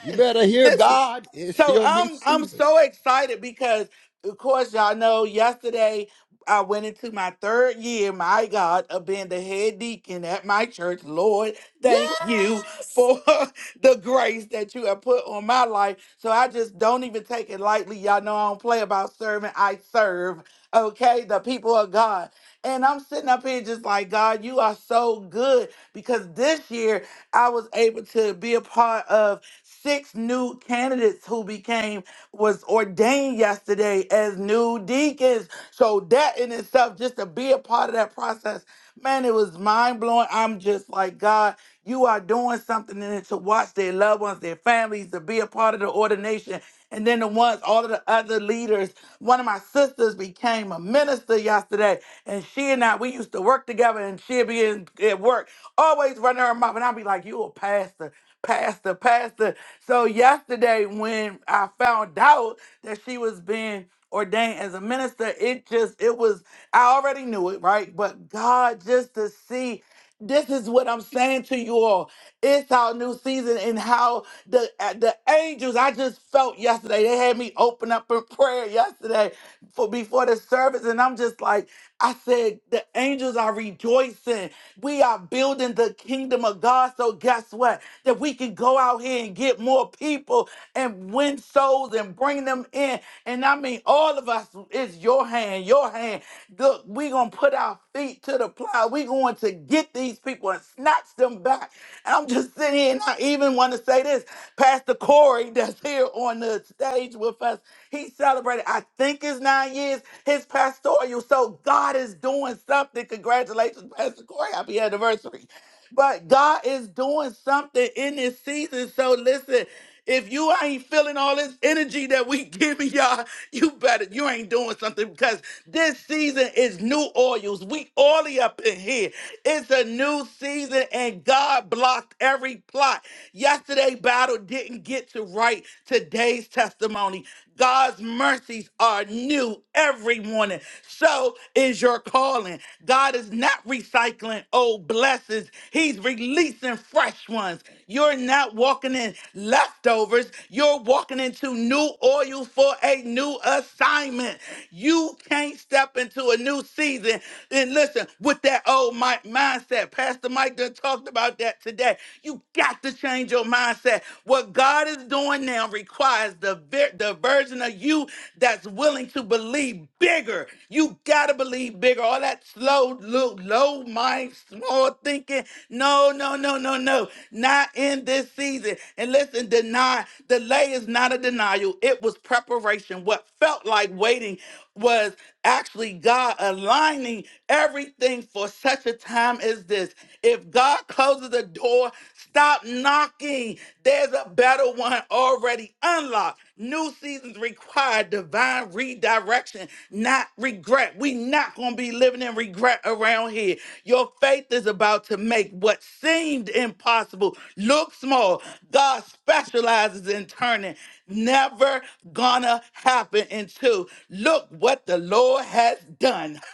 You better hear This is God. It's so your new I'm I'm season. so excited because of course y'all know yesterday I went into my third year, my God, of being the head deacon at my church. Lord, thank you Yes. for the grace that you have put on my life. So I just don't even take it lightly. Y'all know I don't play about serving, I serve. Okay, the people of God. And I'm sitting up here just like, God, you are so good because this year I was able to be a part of six new candidates who became was ordained yesterday as new deacons. So that in itself, just to be a part of that process, man, it was mind blowing. I'm just like, God, you are doing something and then to watch their loved ones, their families, to be a part of the ordination. And then the ones, all of the other leaders. One of my sisters became a minister yesterday. And she and I, we used to work together and she'd be in, at work, always running her mouth. And I'd be like, you a pastor, pastor, pastor. So yesterday when I found out that she was being ordained as a minister, it just, it was, I already knew it, right? But God, just to see this is what I'm saying to you all. It's our new season and how the uh, the angels. I just felt yesterday. They had me open up in prayer yesterday for before the service, and I'm just like, I said, the angels are rejoicing. We are building the kingdom of God. So guess what? That we can go out here and get more people and win souls and bring them in. And I mean, all of us. It's your hand, your hand. Look, we gonna put our feet to the plow. We're going to get these people and snatch them back. And I'm just sitting here, and I even want to say this. Pastor Corey, that's here on the stage with us, he celebrated, I think, his nine years, his pastoral. So God is doing something. Congratulations, Pastor Corey. Happy anniversary. But God is doing something in this season. So listen, if you ain't feeling all this energy that we giving y'all, you better, you ain't doing something because this season is new oils. We oily up in here. It's a new season and God blocked every plot. Yesterday battle didn't get to write today's testimony. God's mercies are new every morning so is your calling. God is not recycling old blessings, He's releasing fresh ones. You're not walking in leftovers, you're walking into new oil for a new assignment. You can't step into a new season. And listen, with that old mi- mindset, Pastor Mike done talked about that today. You got to change your mindset. What God is doing now requires rise, the, ver- the version of you that's willing to believe bigger. You got to believe bigger. All that slow, low, low mind, small thinking. No, no, no, no, no. Not in this season. And listen, deny, delay is not a denial. It was preparation. What felt like waiting was actually God aligning everything for such a time as this. If God closes a the door. Stop knocking. There's a better one already unlocked. New seasons require divine redirection, not regret. We not gonna be living in regret around here. Your faith is about to make what seemed impossible look small. God specializes in turning never gonna happen into look what the Lord has done.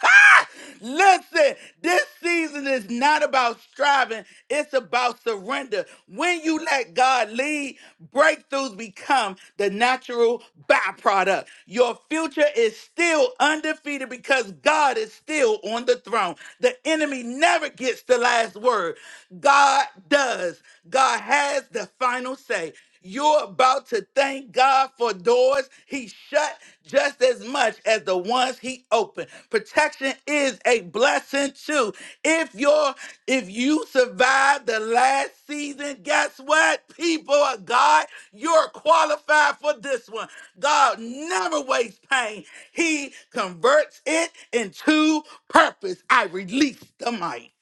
Listen, this season is not about striving, it's about surrender. When you let God lead, breakthroughs become the natural byproduct. Your future is still undefeated because God is still on the throne. The enemy never gets the last word. God does. God has the final say. You're about to thank God for doors He shut just as much as the ones He opened. Protection is a blessing too. If you're if you survived the last season, guess what? People of God, you're qualified for this one. God never wastes pain. He converts it into purpose. I release the mic.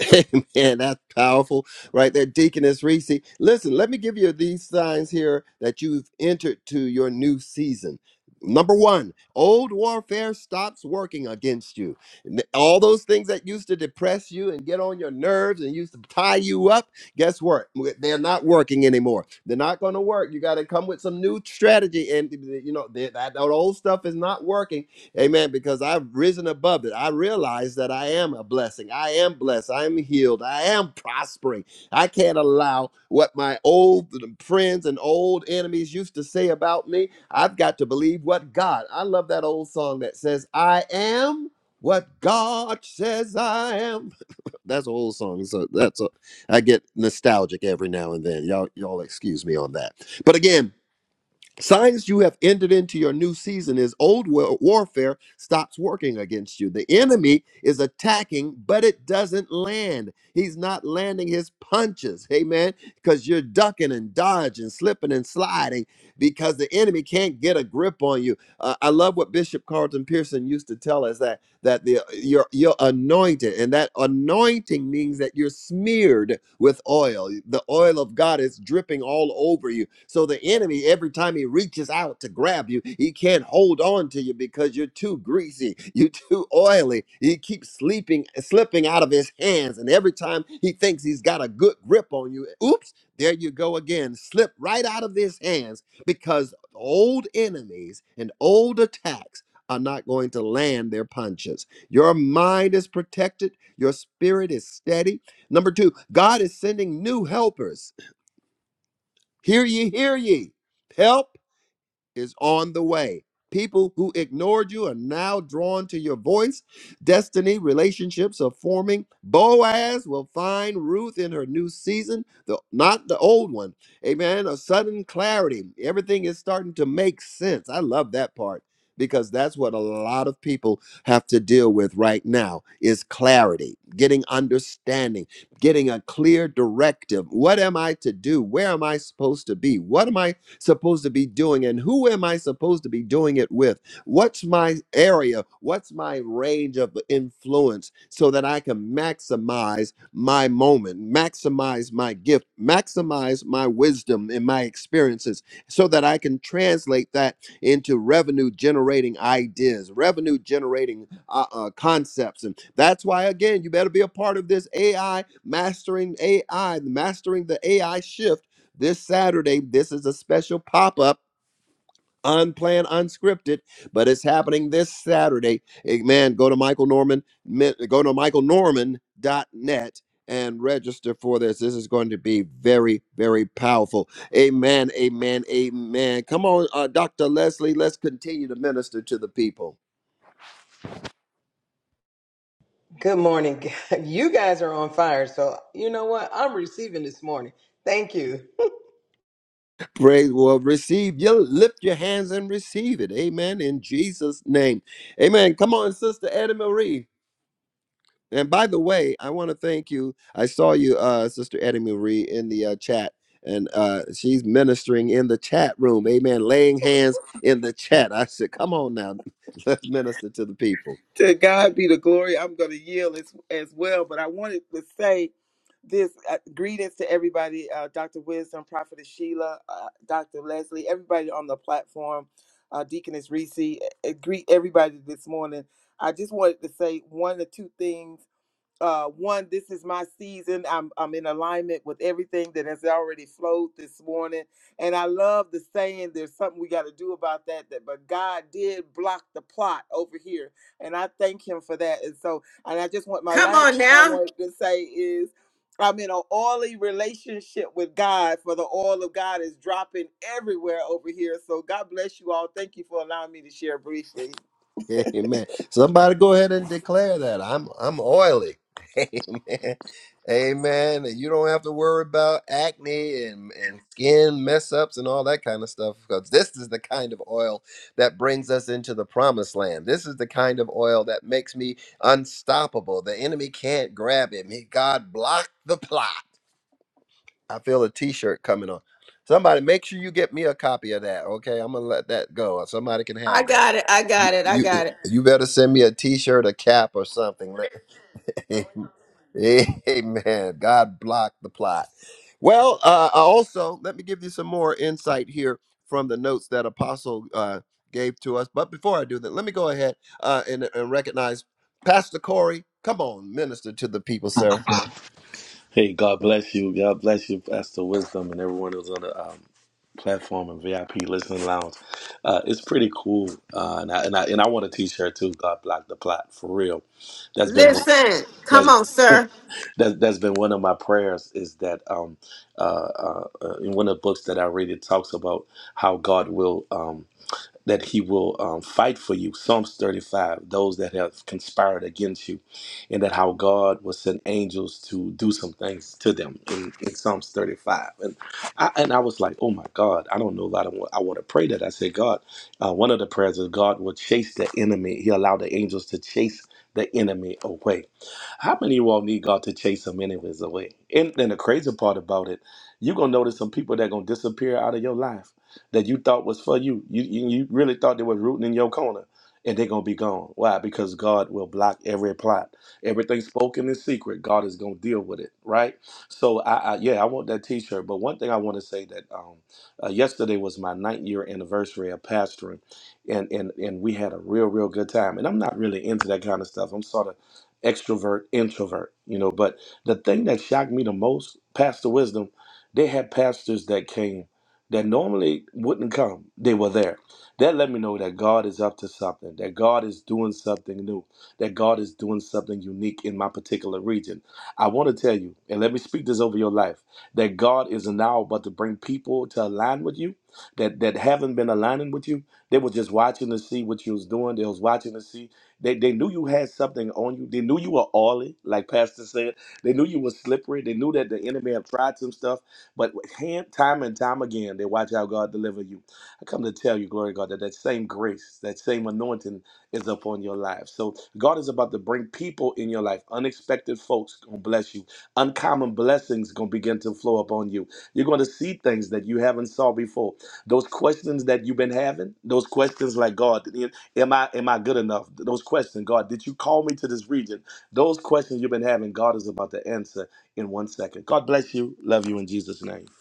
Amen. That's powerful right there, Deaconess Reese. Listen, let me give you these signs here that you've entered to your new season. Number one, old warfare stops working against you. N- All those things that used to depress you and get on your nerves and used to tie you up, guess what? W- They're not working anymore. They're not going to work. You got to come with some new strategy. And, you know, that, that that old stuff is not working. Amen. Because I've risen above it. I realize that I am a blessing. I am blessed. I am healed. I am prospering. I can't allow what my old friends and old enemies used to say about me. I've got to believe what God. I love that old song that says, I am what God says I am. That's an old song. So that's a I get nostalgic every now and then. Y'all, y'all excuse me on that. But again, Signs you have entered into your new season is old wa- warfare stops working against you. The enemy is attacking, but it doesn't land. He's not landing his punches, amen, because you're ducking and dodging, slipping and sliding because the enemy can't get a grip on you. Uh, I love what Bishop Carlton Pearson used to tell us that that the you're you're anointed and that anointing means that you're smeared with oil the oil of god is dripping all over you so the enemy every time he reaches out to grab you he can't hold on to you because you're too greasy you're too oily he keeps sleeping slipping out of his hands and every time he thinks he's got a good grip on you oops there you go again slip right out of his hands because old enemies and old attacks are not going to land their punches. Your mind is protected, your spirit is steady. Number two, God is sending new helpers. Hear ye, hear ye. Help is on the way. People who ignored you are now drawn to your voice. Destiny relationships are forming. Boaz will find Ruth in her new season, the, not the old one. Amen. A sudden clarity. Everything is starting to make sense. I love that part because that's what a lot of people have to deal with right now is clarity, getting understanding, getting a clear directive. What am I to do? Where am I supposed to be? What am I supposed to be doing and who am I supposed to be doing it with? What's my area? What's my range of influence so that I can maximize my moment, maximize my gift, maximize my wisdom and my experiences so that I can translate that into revenue generating ideas, revenue generating uh, uh, concepts. And that's why, again, you better be a part of this AI mastering AI, mastering the AI shift this Saturday, this is a special pop up, unplanned, unscripted, but it's happening this Saturday. Amen. Go to Michael Norman, mi- go to Michael Norman dot net, and register for this. This is going to be very, very powerful. Amen. Amen. Amen. Come on, uh, Dr. Leslie, let's continue to minister to the people. Good morning. You guys are on fire. So, you know what? I'm receiving this morning. Thank you. Praise, well, receive. You lift your hands and receive it. Amen. In Jesus' name. Amen. Come on, Sister Eddie Marie. And by the way, I want to thank you. I saw you, uh, Sister Eddie Marie, in the uh, chat, and uh, she's ministering in the chat room. Amen. Laying hands in the chat. I said, come on now, let's minister to the people. to God be the glory. I'm going to yield as, as well, but I wanted to say this uh, greetings to everybody uh, Dr. Wisdom, Prophetess Sheila, uh, Dr. Leslie, everybody on the platform, uh, Deaconess Reese. uh, greet everybody this morning. I just wanted to say one or two things uh one this is my season i'm i'm in alignment with everything that has already flowed this morning and i love the saying there's something we got to do about that that but god did block the plot over here and i thank him for that and so and i just want my Come last on thing i now. wanted to say is I'm in an oily relationship with God, for the oil of God is dropping everywhere over here. So God bless you all. Thank you for allowing me to share briefly. Amen. Somebody go ahead and declare that. I'm I'm oily. Amen. Amen. And you don't have to worry about acne and, and skin mess ups and all that kind of stuff because this is the kind of oil that brings us into the promised land. This is the kind of oil that makes me unstoppable. The enemy can't grab it. May God block the plot. I feel a t shirt coming on. Somebody make sure you get me a copy of that. Okay. I'm going to let that go. Somebody can I have that. got it. I got it. I You got it. you better send me a T-shirt, a cap, or something. Let- Amen. God block the plot. Well, uh, also let me give you some more insight here from the notes that Apostle uh, gave to us. But before I do that, let me go ahead uh, and, and recognize Pastor Corey. Come on, minister to the people, sir. Hey, God bless you. God bless you, Pastor Wisdom, and everyone who's on the um, platform and VIP listening lounge. Uh, it's pretty cool, uh, and I and I, and I want a T-shirt too. God block the plot for real. That's been Listen. Come that's on, sir. that's, that's been one of my prayers. Is that um uh, uh, uh, in one of the books that I read, it talks about how God will. um, that he will um, fight for you. Psalms 35, those that have conspired against you, and that how God will send angels to do some things to them in, in Psalms 35. And I, and I was like, oh my God, I don't know if I, don't, wa- I want to pray that. I said, God, uh, one of the prayers is God will chase the enemy. He allowed the angels to chase the enemy away. How many of you all need God to chase some enemies away? And, and the crazy part about it, you're going to notice some people that going to disappear out of your life that you thought was for you. You you you really thought they were rooting in your corner, and they're gonna be gone. Why? Because God will block every plot, everything spoken in secret. God is gonna deal with it, right? So I, I yeah, I want that T-shirt. But one thing I want to say that um, uh, yesterday was my ninth year anniversary of pastoring, and and and we had a real real good time. And I'm not really into that kind of stuff. I'm sort of extrovert introvert, you know. But the thing that shocked me the most, Pastor Wisdom, they had pastors that came that normally wouldn't come, they were there. That let me know that God is up to something, that God is doing something new, that God is doing something unique in my particular region. I want to tell you, and let me speak this over your life, that God is now about to bring people to align with you that, that haven't been aligning with you. They were just watching to see what you was doing. They was watching to see. They, they knew you had something on you. They knew you were oily, like Pastor said. They knew you were slippery. They knew that the enemy had tried some stuff but hand, time and time again, they watch how God deliver you. I come to tell you, glory to God, that that same grace, that same anointing is upon your life. So God is about to bring people in your life. Unexpected folks gonna bless you. Uncommon blessings gonna begin to flow upon you. You're gonna see things that you haven't saw before. Those questions that you've been having, those questions like God, am I am I good enough? Those questions, God, did you call me to this region? Those questions you've been having, God is about to answer in one second. God bless you. Love you in Jesus' name.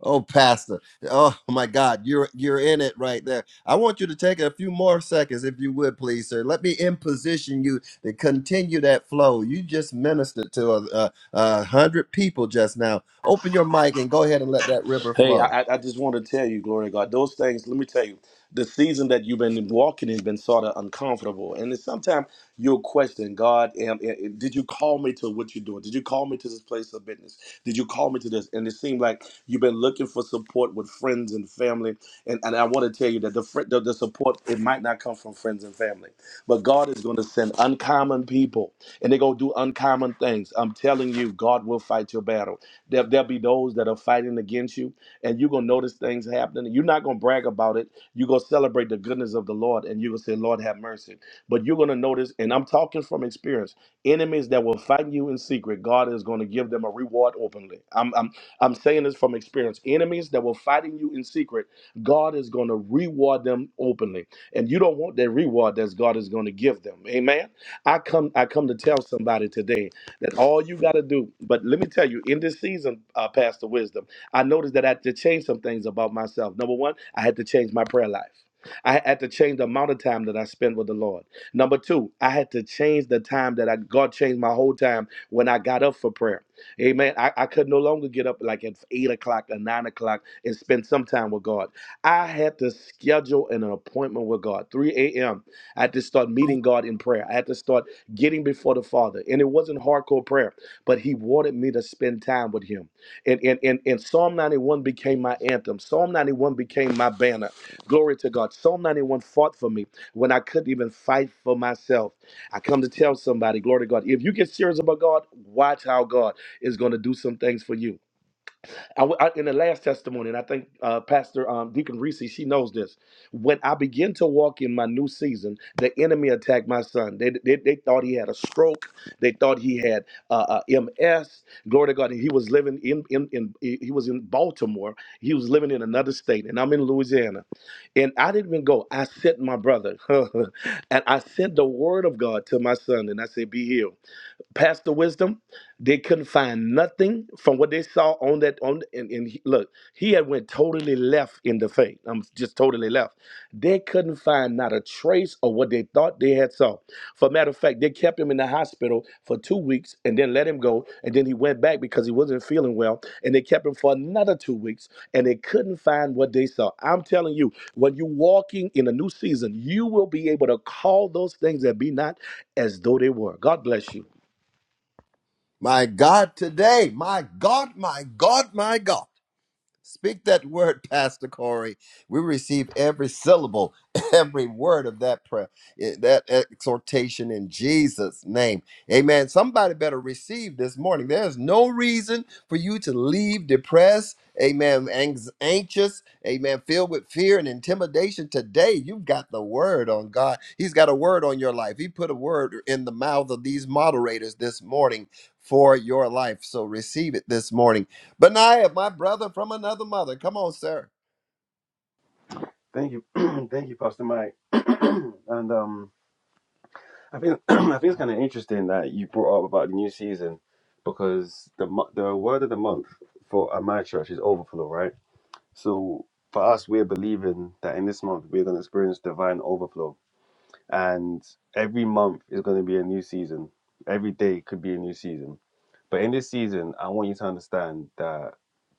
Oh, Pastor. Oh my God, you're you're in it right there. I want you to take a few more seconds, if you would, please, sir. Let me in position you to continue that flow. You just ministered to a, a, a hundred people just now. Open your mic and go ahead and let that river Hey, I, flow. I I just want to tell you, glory to God, those things, let me tell you, the season that you've been walking in has been sort of uncomfortable. And then sometimes you'll question, God, am, am- am- did you call me to what you're doing? Did you call me to this place of business? Did you call me to this? And it seemed like you've been looking for support with friends and family. And, and I want to tell you that the, fri- the, the support, it might not come from friends and family, but God is going to send uncommon people and they're going to do uncommon things. I'm telling you, God will fight your battle. There, there'll be those that are fighting against you and you're gonna notice things happening. You're not gonna brag about it. You're gonna celebrate the goodness of the Lord, and you're gonna say, Lord, have mercy. But you're gonna notice, and I'm talking from experience, enemies that will fight you in secret, God is gonna give them a reward openly. I'm I'm I'm saying this from experience. Enemies that were fighting you in secret, God is gonna reward them openly. And you don't want that reward that God is gonna give them. Amen. I come I come to tell somebody today that all you gotta do, but let me tell you, in this season, uh, Pastor Wisdom. I noticed that I had to change some things about myself. Number one, I had to change my prayer life. I had to change the amount of time that I spend with the Lord. Number two, I had to change the time that I God changed my whole time when I got up for prayer. Amen. I, I could no longer get up like at eight o'clock or nine o'clock and spend some time with God. I had to schedule an appointment with God. 3 a.m. I had to start meeting God in prayer. I had to start getting before the Father. And it wasn't hardcore prayer, but He wanted me to spend time with Him. And, and, and, and Psalm 91 became my anthem. Psalm 91 became my banner. Glory to God. Psalm 91 fought for me when I couldn't even fight for myself. I come to tell somebody, glory to God, if you get serious about God, watch how God is going to do some things for you. I, I- in the last testimony, and I think uh, Pastor um, Deacon Reese, she knows this. When I began to walk in my new season, the enemy attacked my son. They, they, they thought he had a stroke. They thought he had uh, uh, MS. Glory to God. And he was living in, in, in, he he was in Baltimore. He was living in another state, and I'm in Louisiana. And I didn't even go. I sent my brother, and I sent the word of God to my son, and I said, be healed. Pastor Wisdom, they couldn't find nothing from what they saw on that on and, and he- look, he had went totally left in the faith. I'm just totally left. They couldn't find not a trace of what they thought they had saw. For matter of fact, they kept him in the hospital for two weeks and then let him go. And then he went back because he wasn't feeling well. And they kept him for another two weeks and they couldn't find what they saw. I'm telling you, when you're walking in a new season, you will be able to call those things that be not as though they were. God bless you. My God, today, my God, my God, my God. Speak that word, Pastor Corey. We receive every syllable, every word of that prayer, eh, that exhortation in Jesus' name. Amen. Somebody better receive this morning. There's no reason for you to leave depressed, amen, anx- anxious, amen, filled with fear and intimidation. Today, you've got the word on God. He's got a word on your life. He put a word in the mouth of these moderators this morning for your life. So receive it this morning. Benaiah, my brother from another mother. Come on, sir. Thank you, thank you, Pastor Mike. and um, I think I think it's kind of interesting that you brought up about the new season because the mo- the word of the month for at my church is overflow, right? So for us, we're believing that in this month we're going to experience divine overflow, and every month is going to be a new season. Every day could be a new season, but in this season, I want you to understand that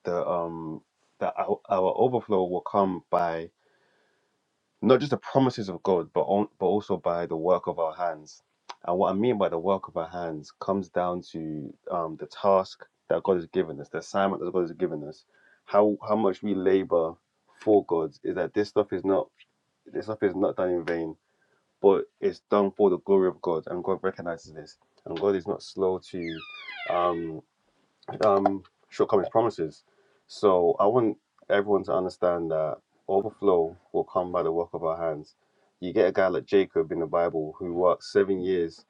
the um that our, our overflow will come by not just the promises of God, but on, but also by the work of our hands. And what I mean by the work of our hands comes down to um, the task that God has given us, the assignment that God has given us. How how much we labor for God is that this stuff is not this stuff is not done in vain, but it's done for the glory of God, and God recognizes this. And God is not slow to um, um, shortcomings promises. So I want everyone to understand that overflow will come by the work of our hands. You get a guy like Jacob in the Bible who worked seven years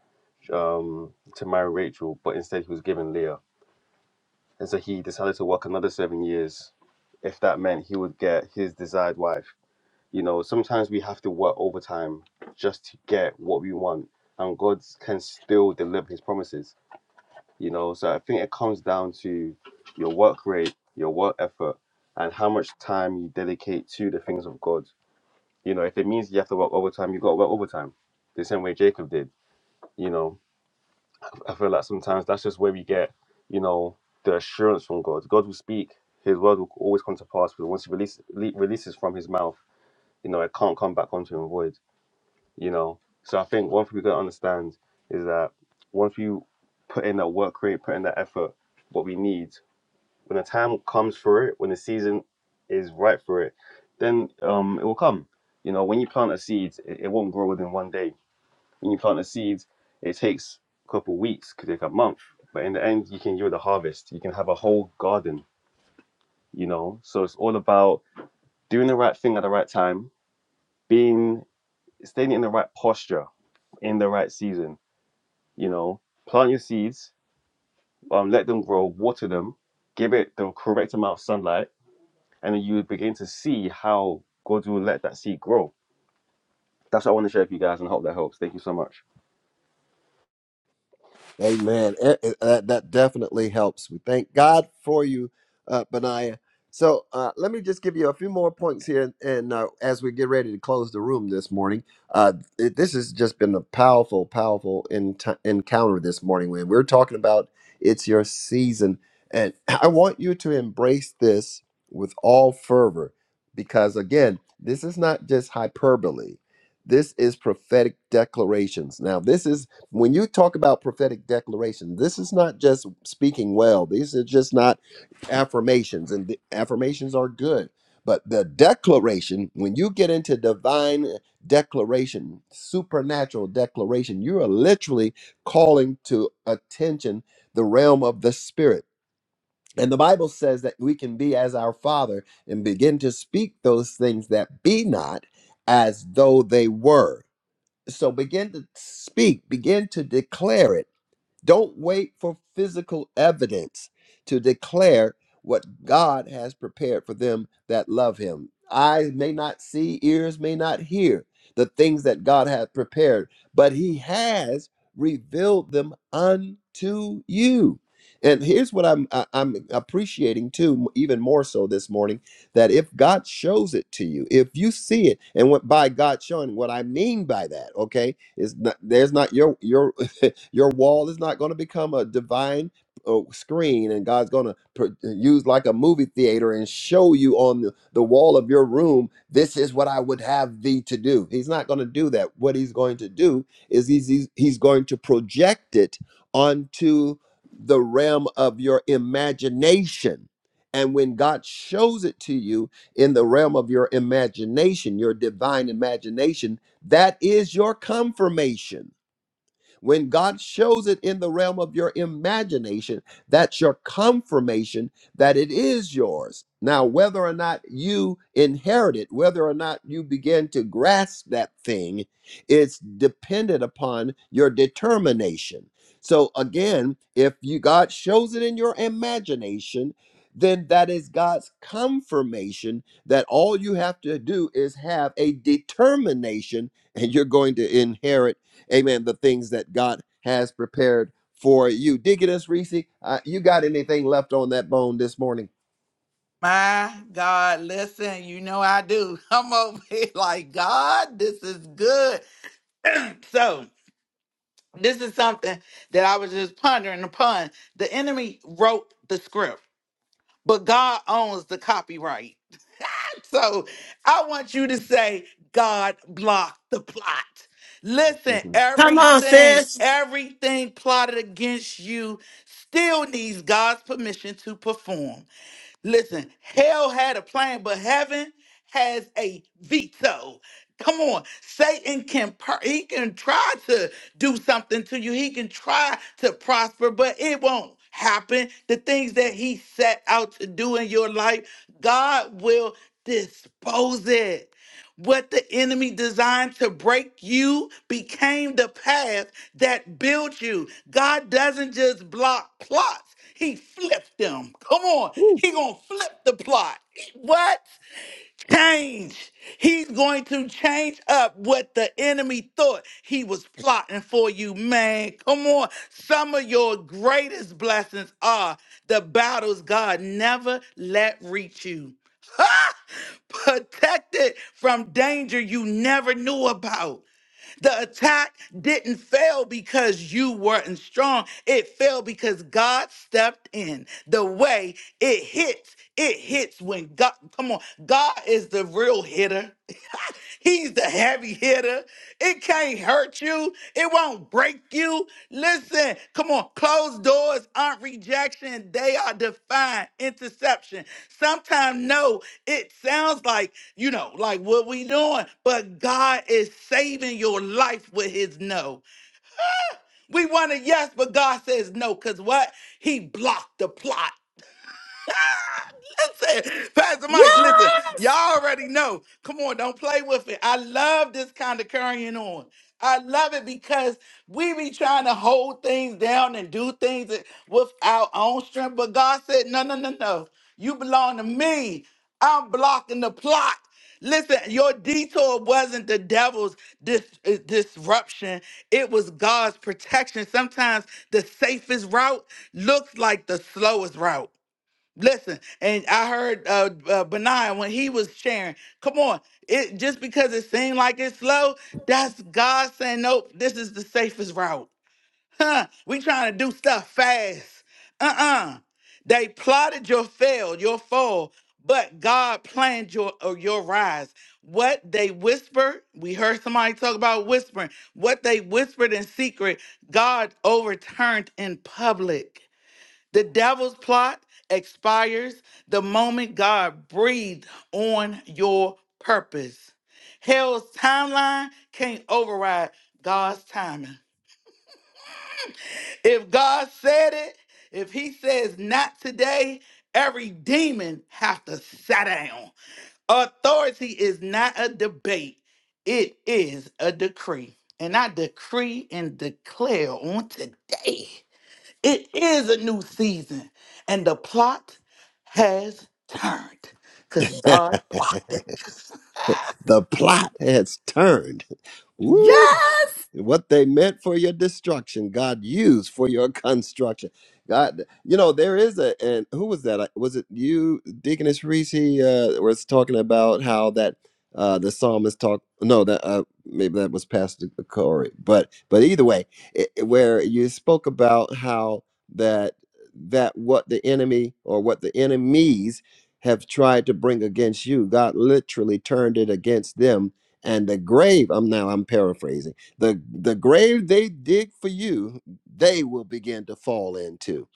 um, to marry Rachel, but instead he was given Leah. And so he decided to work another seven years if that meant he would get his desired wife. You know, sometimes we have to work overtime just to get what we want, and God can still deliver his promises you know so i think it comes down to your work rate your work effort and how much time you dedicate to the things of god you know if it means you have to work overtime you got to work overtime the same way jacob did you know i feel like sometimes that's just where we get you know the assurance from god god will speak his word will always come to pass but once he release, le- releases from his mouth you know it can't come back onto him void you know so i think one thing we got to understand is that once we put in that work rate put in that effort what we need when the time comes for it, when the season is right for it, then um, it will come. You know, when you plant a seed, it, it won't grow within one day. When you plant a seed, it takes a couple of weeks, could take a month. But in the end, you can yield a harvest. You can have a whole garden. You know, so it's all about doing the right thing at the right time, being staying in the right posture in the right season. You know, plant your seeds, um, let them grow, water them, give it the correct amount of sunlight and you begin to see how God will let that seed grow. That's what I want to share with you guys, and I hope that helps. Thank you so much. Amen. It- it- that, that definitely helps. We thank God for you, uh, Benaiah. So uh, let me just give you a few more points here, and uh, as we get ready to close the room this morning, uh, it- this has just been a powerful, powerful ent- encounter this morning. When we're talking about it's your season, and I want you to embrace this with all fervor, because again, this is not just hyperbole. This is prophetic declarations. Now, this is when you talk about prophetic declaration, this is not just speaking well. These are just not affirmations, and the affirmations are good. But the declaration, when you get into divine declaration, supernatural declaration, you are literally calling to attention the realm of the spirit. And the Bible says that we can be as our Father and begin to speak those things that be not as though they were so begin to speak, begin to declare it. Don't wait for physical evidence to declare what God has prepared for them that love Him. Eyes may not see, ears may not hear the things that God has prepared, but He has revealed them unto you. And here's what I'm I- I'm appreciating too, even more so this morning, that if God shows it to you, if you see it, and what by God showing, what I mean by that, okay, is not, there's not your your your wall is not going to become a divine uh, screen, and God's going to pr- uh, use like a movie theater and show you on the, the wall of your room, this is what I would have thee to do. He's not going to do that. What he's going to do is he's, he's, he's going to project it onto the realm of your imagination. And when God shows it to you in the realm of your imagination, your divine imagination, that is your confirmation when God shows it in the realm of your imagination, that's your confirmation that it is yours. Now, whether or not you inherit it, whether or not you begin to grasp that thing, it's dependent upon your determination. So again, if you God shows it in your imagination, then that is God's confirmation that all you have to do is have a determination and you're going to inherit amen, the things that God has prepared for you. Deaconess Reese, uh, you got anything left on that bone this morning? My God, listen, you know I do. I'm over here like, God, this is good. So, this is something that I was just pondering upon. The enemy wrote the script, but God owns the copyright. So, I want you to say, God blocked the plot. Listen, Mhm. Come on, everything, sis. everything plotted against you still needs God's permission to perform. Listen, hell had a plan, but heaven has a veto. Come on, Satan can per- he can try to do something to you. He can try to prosper, but it won't happen. The things that he set out to do in your life, God will dispose it. What the enemy designed to break you became the path that built you. God doesn't just block plots, he flips them. Come on. Woo. He going to flip the plot. What? Change. He's going to change up what the enemy thought he was plotting for you, man. Come on. Some of your greatest blessings are the battles God never let reach you protected from danger you never knew about. The attack didn't fail because you weren't strong. It failed because God stepped in. The way it hits, it hits when God, come on, God is the real hitter. He's the heavy hitter. It can't hurt you. It won't break you. Listen, come on. Closed doors aren't rejection. They are defined interception. Sometimes, no, it sounds like, you know, like what we doing, but God is saving your life with his no. We want a yes, but God says no, because what? He blocked the plot. said, Pastor Mike, listen, y'all Yes. already know. Come on, don't play with it. I love this kind of carrying on. I love it because we be trying to hold things down and do things with our own strength. But God said, no, no, no, no. You belong to me. I'm blocking the plot. Listen, your detour wasn't the devil's dis- uh, disruption. It was God's protection. Sometimes the safest route looks like the slowest route. Listen, and I heard uh, uh Benaiah when he was sharing. Come on, it just because it seemed like it's slow, that's God saying, nope, this is the safest route. Huh? We trying to do stuff fast. Uh-uh. They plotted your fail, your fall, but God planned your or your rise. What they whispered, we heard somebody talk about whispering. What they whispered in secret, God overturned in public. The devil's plot expires the moment God breathed on your purpose. Hell's timeline can't override God's timing. If God said it, if he says not today, every demon have to sit down. Authority is not a debate. It is a decree. And I decree and declare on today it is a new season, and the plot has turned because God blocked it. the plot has turned. Woo, Yes. what they meant for your destruction, God used for your construction. God, you know, there is a, and who was that? I- Was it you, Deaconess Reese? He uh, was talking about how that uh, the psalmist talked. No, that uh, maybe that was Pastor Corey, but but either way, it, it- where you spoke about how that that what the enemy or what the enemies have tried to bring against you, God literally turned it against them. And the grave, I'm now I'm paraphrasing the the grave they dig for you they will begin to fall into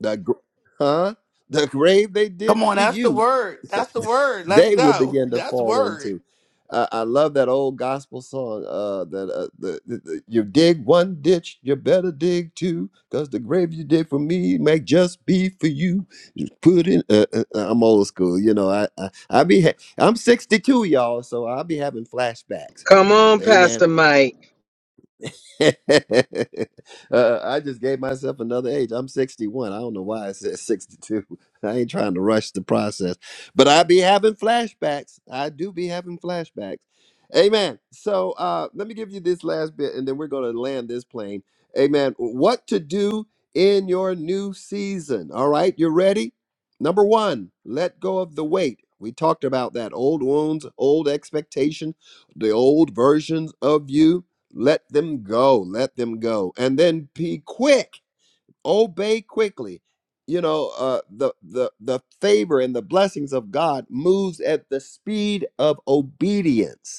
the gr- huh the grave they did Come on, for that's the you word. That's the word. Let's they will go. begin to That's fall word. into uh, i love that old gospel song uh that uh, the, the, the- you dig one ditch you better dig two because the grave you dig for me may just be for you You put in uh, uh, uh, i'm old school you know i i, I be ha- i'm 62 y'all so i'll be having flashbacks Come on, amen Pastor Mike. uh, I just gave myself another age. I'm 61. I don't know why I said 62. I ain't trying to rush the process, but I be having flashbacks. I do be having flashbacks. Amen. So uh, let me give you this last bit, and then we're going to land this plane. Amen. What to do in your new season? All right, you ready? Number one, let go of the weight. We talked about that old wounds, old expectation, the old versions of you. Let them go. Let them go. And then be quick. Obey quickly. You know, uh, the the the favor and the blessings of God moves at the speed of obedience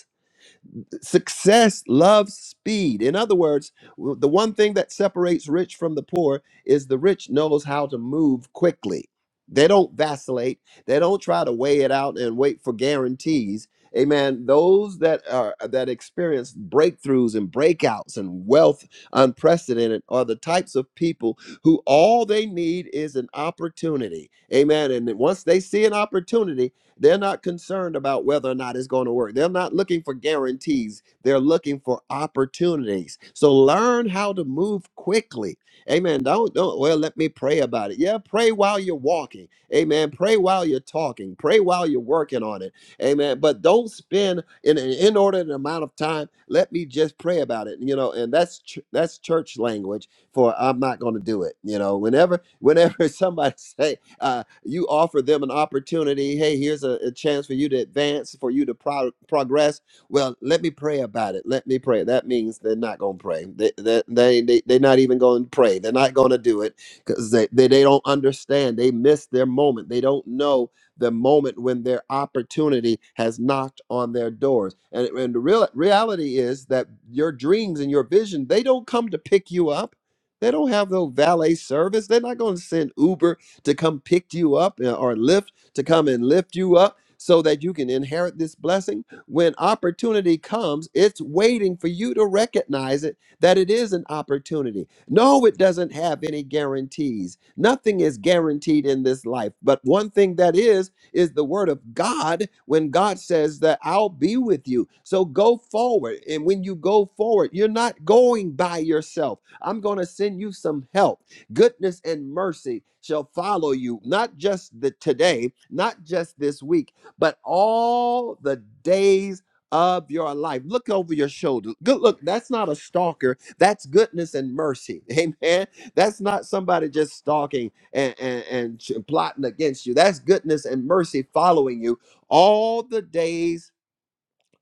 Success loves speed. In other words, w- the one thing that separates rich from the poor is the rich knows how to move quickly. They don't vacillate. They don't try to weigh it out and wait for guarantees. Amen. Those that are that experience breakthroughs and breakouts and wealth unprecedented are the types of people who all they need is an opportunity. Amen. And once they see an opportunity, they're not concerned about whether or not it's going to work. They're not looking for guarantees. They're looking for opportunities. So learn how to move quickly. Amen. Don't, don't, well, let me pray about it. Yeah, pray while you're walking. Amen. Pray while you're talking. Pray while you're working on it. Amen. But don't spend in an inordinate amount of time. Let me just pray about it. You know, and that's ch- that's church language for I'm not going to do it. You know, whenever whenever somebody say, uh you offer them an opportunity hey here's a, a chance for you to advance for you to pro- progress well let me pray about it let me pray that means they're not going to pray they, they, they, they, they're not even going to pray they're not going to do it because they, they, they don't understand they miss their moment they don't know the moment when their opportunity has knocked on their doors and, and the real, reality is that your dreams and your vision they don't come to pick you up they don't have no valet service. They're not going to send Uber to come pick you up uh, or lift, to come and lift you up so that you can inherit this blessing. When opportunity comes, it's waiting for you to recognize it that it is an opportunity. No, it doesn't have any guarantees. Nothing is guaranteed in this life. But one thing that is, is the word of God when God says that I'll be with you. So go forward. And when you go forward, you're not going by yourself. I'm going to send you some help. Goodness and mercy shall follow you, not just the today, not just this week, but all the days of your life. Look over your shoulder. Good look, that's not a stalker. That's goodness and mercy. Amen. That's not somebody just stalking and, and, and ch- plotting against you. That's goodness and mercy following you all the days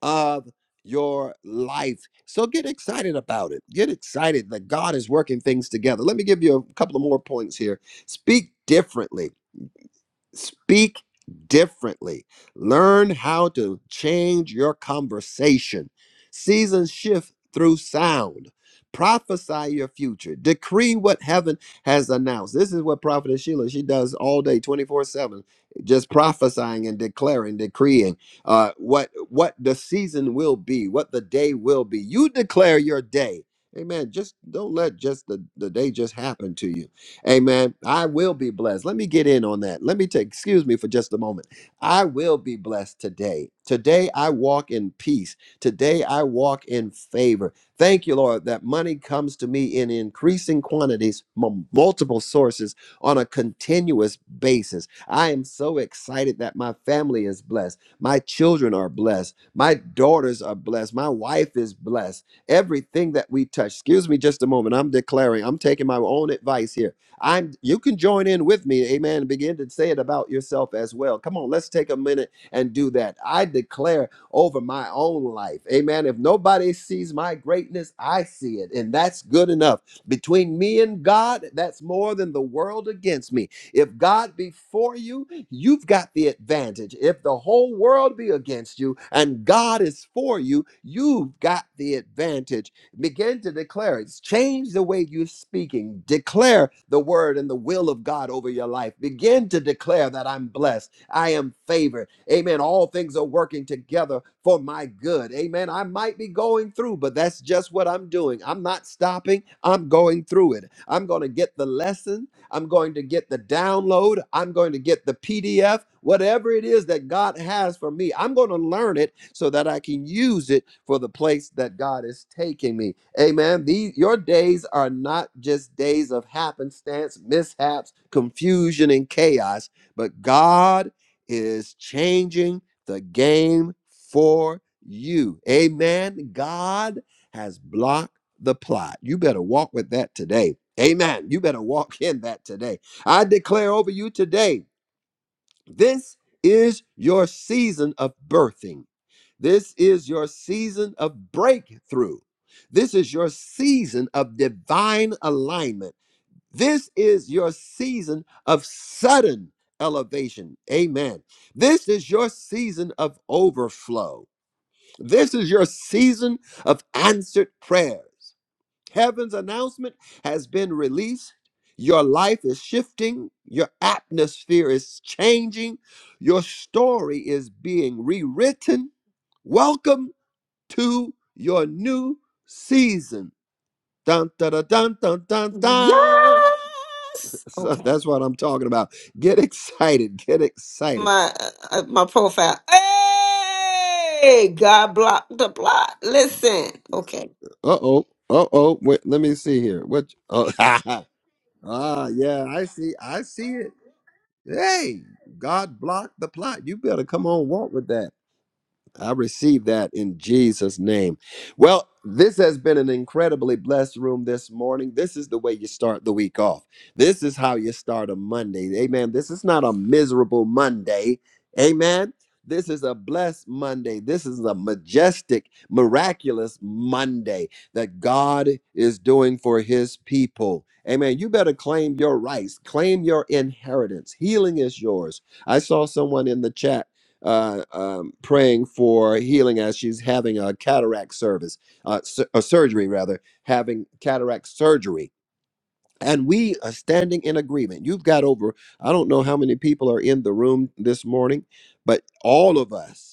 of your life. So get excited about it. Get excited that God is working things together. Let me give you a couple of more points here. Speak differently. Speak differently. Learn how to change your conversation. Seasons shift through sound. Prophesy your future. Decree what heaven has announced. This is what Prophet Sheila she does all day, twenty four seven, just prophesying and declaring, decreeing uh, what what the season will be, what the day will be. You declare your day. Amen. Just don't let just the, the day just happen to you Amen. I will be blessed. Let me get in on that. Let me take, excuse me for just a moment. I will be blessed today. Today I walk in peace. Today I walk in favor. Thank you, Lord, that money comes to me in increasing quantities from multiple sources on a continuous basis. I am so excited that my family is blessed. My children are blessed. My daughters are blessed. My wife is blessed. Everything that we touch, excuse me just a moment. I'm declaring, I'm taking my own advice here I'm you can join in with me, amen, and begin to say it about yourself as well. Come on, let's take a minute and do that. I declare over my own life, amen. If nobody sees my greatness, I see it, and that's good enough. Between me and God, that's more than the world against me. If God be for you, you've got the advantage. If the whole world be against you and God is for you, you've got the advantage Begin to declare it. Change the way you're speaking. Declare the word and the will of God over your life. Begin to declare that I'm blessed. I am favored. Amen. All things are working together for my good. Amen. I might be going through, but that's just what I'm doing. I'm not stopping. I'm going through it. I'm going to get the lesson I'm going to get the download. I'm going to get the PDF, whatever it is that God has for me. I'm going to learn it so that I can use it for the place that God is taking me. Amen. These your days are not just days of happenstance, mishaps, confusion, and chaos, but God is changing the game for you. Amen. God has blocked the plot. You better walk with that today. Amen. You better walk in that today. I declare over you today this is your season of birthing. This is your season of breakthrough. This is your season of divine alignment. This is your season of sudden elevation. Amen. This is your season of overflow. This is your season of answered prayers. Heaven's announcement has been released. Your life is shifting. Your atmosphere is changing. Your story is being rewritten. Welcome to your new season. Dun, dun, dun, dun, dun, dun, dun. Yes. So Okay. that's what I'm talking about. Get excited. Get excited. My uh, my profile. Hey, God blocked the plot. Listen. Okay. Uh oh. Uh oh. Wait, let me see here. What? Oh, ah, yeah. I see. I see it. Hey, God blocked the plot. You better come on, walk with that. I receive that in Jesus' name. Well, this has been an incredibly blessed room this morning. This is the way you start the week off. This is how you start a Monday. Amen. This is not a miserable Monday. Amen. This is a blessed Monday. This is a majestic, miraculous Monday that God is doing for his people. Amen. You better claim your rights, claim your inheritance. Healing is yours. I saw someone in the chat uh, um, praying for healing as she's having a cataract service, uh, su- a surgery rather, having cataract surgery. And we are standing in agreement. You've got over, I don't know how many people are in the room this morning, but all of us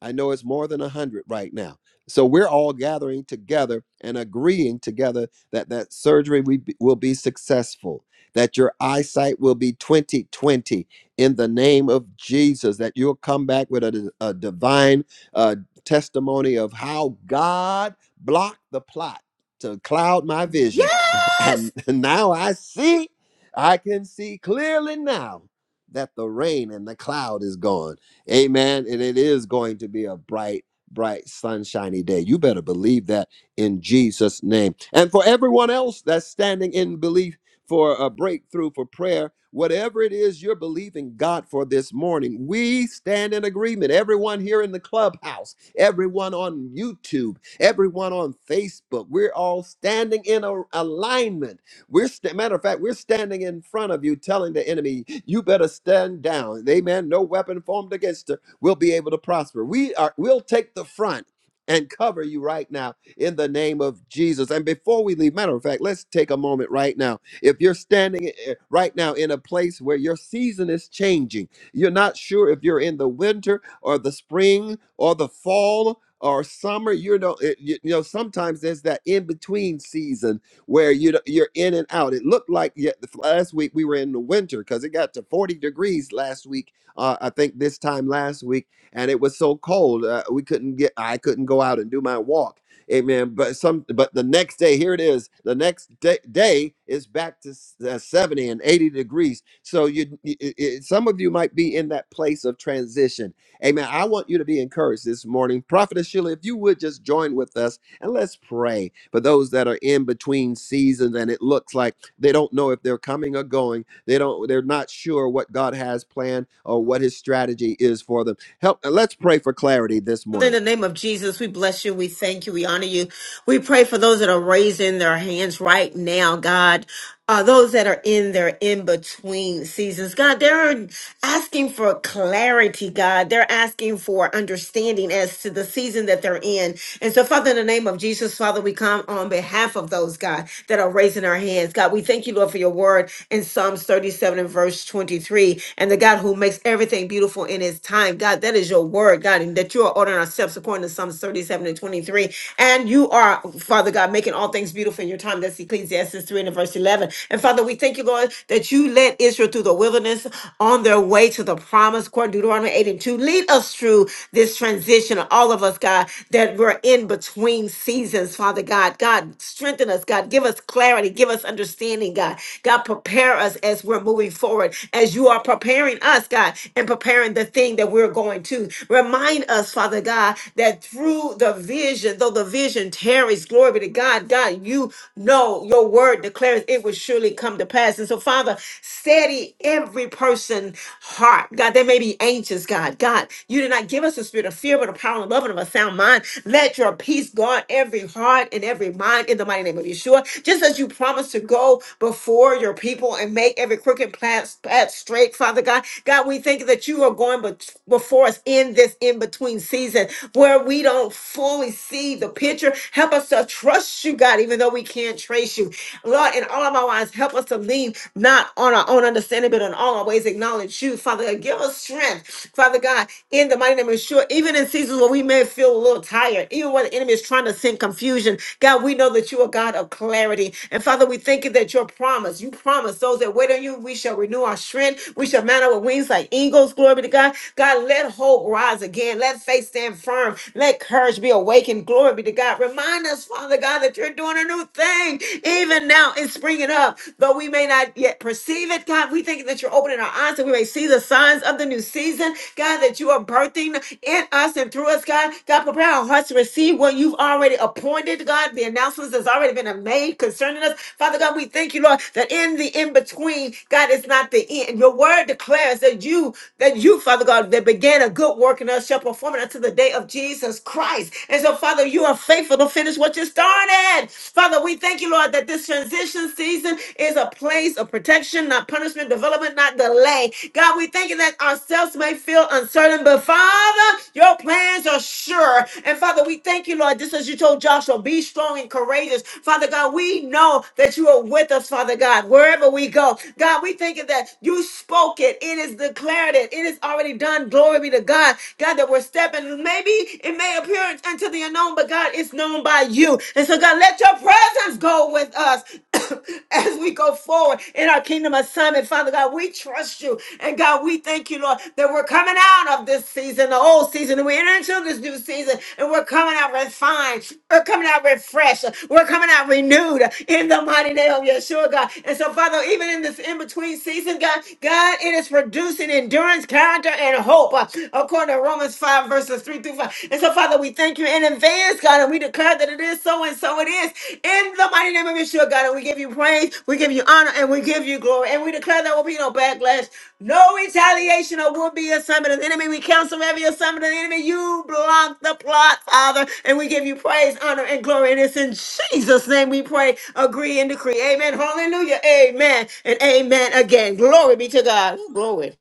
I know it's more than 100 right now. So we're all gathering together and agreeing together that that surgery we be- will be successful, that your eyesight will be 2020 in the name of Jesus, that you'll come back with a, a divine uh, testimony of how God blocked the plot to cloud my vision. Yes. And now I see, I can see clearly now that the rain and the cloud is gone Amen. And it is going to be a bright, bright, sunshiny day. You better believe that in Jesus' name. And for everyone else that's standing in belief for a breakthrough, for prayer, whatever it is you're believing God for this morning, we stand in agreement. Everyone here in the clubhouse, everyone on YouTube, everyone on Facebook, we're all standing in a- alignment we're sta- matter of fact, we're standing in front of you, telling the enemy, "You better stand down." Amen. No weapon formed against her will be able to prosper. We are. We'll take the front and cover you right now in the name of Jesus. And before we leave, matter of fact, let's take a moment right now. If you're standing eh, eh, right now in a place where your season is changing, you're not sure if you're in the winter or the spring or the fall or summer. You know, eh, you you know, sometimes there's that in between season where you you're in and out. It looked like yeah, the- last week we were in the winter because it got to 40 degrees last week. Uh, I think this time last week, and it was so cold uh, we couldn't get. I couldn't go out and do my walk. Amen. But some, but the next day, here it is. The next day, day is back to s- uh, 70 and 80 degrees. So you, you- i- i- some of you might be in that place of transition. Amen. I want you to be encouraged this morning. Prophetess Sheila, if you would just join with us and let's pray for those that are in between seasons and it looks like they don't know if they're coming or going. They don't they're not sure what God has planned or what his strategy is for them. Help uh, let's pray for clarity this Father, in morning. the name of Jesus, we bless you. We thank you. We honor you. We pray for those that are raising their hands right now, God uh, those that are in their in between seasons. God, they're asking for clarity, God. They're asking for understanding as to the season that they're in. And so, Father, in the name of Jesus, Father, we come on behalf of those, God, that are raising our hands. God, we thank you, Lord, for your word in Psalms 37 and verse 23. And the God who makes everything beautiful in his time, God, that is your word, God, and that you are ordering our steps according to Psalms 37 and 23. And you are, Father God, making all things beautiful in your time. That's Ecclesiastes. Ecclesiastes 3 and verse 11. And Father, we thank you, Lord, that you led Israel through the wilderness on their way to the promise, according to Deuteronomy 8 and 2. Lead us through this transition, all of us, God, that we're in between seasons, Father God. God, strengthen us, God. Give us clarity. Give us understanding, God. God, prepare us as we're moving forward, as you are preparing us, God, and preparing the thing that we're going to. Remind us, Father God, that through the vision, though the vision tarries, glory be to God, God, God, you know your word declares it will surely come to pass. And so, Father, steady every person heart. God, they may be anxious, God. God, you did not give us a spirit of fear, but a power and love and of a sound mind. Let your peace guard every heart and every mind in the mighty name of Yeshua. Just as you promised to go before your people and make every crooked path, path straight, Father God. God, we thank you that you are going bet- before us in this in between season where we don't fully see the picture. Help us to trust you, God, even though we can't trace you. Lord, in all of our lives, help us to lean not on our own understanding, but in all our ways acknowledge you. Father God, give us strength, Father God, in the mighty name of Yeshua, even in seasons where we may feel a little tired, even when the enemy is trying to send confusion. God, we know that you are God of clarity. And Father, we thank you that your promise, you promise those that wait on you, we shall renew our strength. We shall mount up with wings like eagles. Glory be to God. God, let hope rise again. Let faith stand firm. Let courage be a be awakened. Glory be to God. Remind us, Father God, that you're doing a new thing. Even now, it's springing up. Though we may not yet perceive it, God, we thank you that you're opening our eyes and we may see the signs of the new season. God, that you are birthing in us and through us, God. God, prepare our hearts to receive what you've already appointed, God. The announcements that's already been made concerning us. Father God, we thank you, Lord, that in the in-between, God, it's not the end. Your word declares that you, that you, Father God, that began a good work in us shall perform it until the day way of Jesus Christ. And so, Father, you are faithful to finish what you started. Father, we thank you, Lord, that this transition season is a place of protection, not punishment, development, not delay. God, we thank you that ourselves may feel uncertain, but Father, your plans are sure. And Father, we thank you, Lord, just as you told Joshua, be strong and courageous. Father God, we know that you are with us, Father God, wherever we go. God, we thank you that you spoke it, it is declared it, it is already done. Glory be to God. God, that we're stepping. Maybe it may appear unto the unknown, but God, it's known by you. And so, God, let your presence go with us as we go forward in our kingdom assignment. Father God, we trust you. And God, we thank you, Lord, that we're coming out of this season, the old season, and we enter into this new season, and we're coming out refined. We're coming out refreshed. We're coming out renewed in the mighty name of Yeshua, God. And so, Father, even in this in between season, God, God, it is producing endurance, character, and hope, uh, according to Romans 5, verses 3 through 5. And so, Father, we thank you in advance, God, and we declare that it is so and so it is. In the mighty name of Yeshua, God, and we give you praise, we give you honor, and we give you glory. And we declare there will be no backlash, no retaliation, or will be assignment of the enemy. We counsel every assignment of the enemy. You block the plot, Father, and we give you praise, honor, and glory. And it's in Jesus' name we pray, agree, and decree. Amen. Hallelujah. Amen. And amen again. Glory be to God. Glory.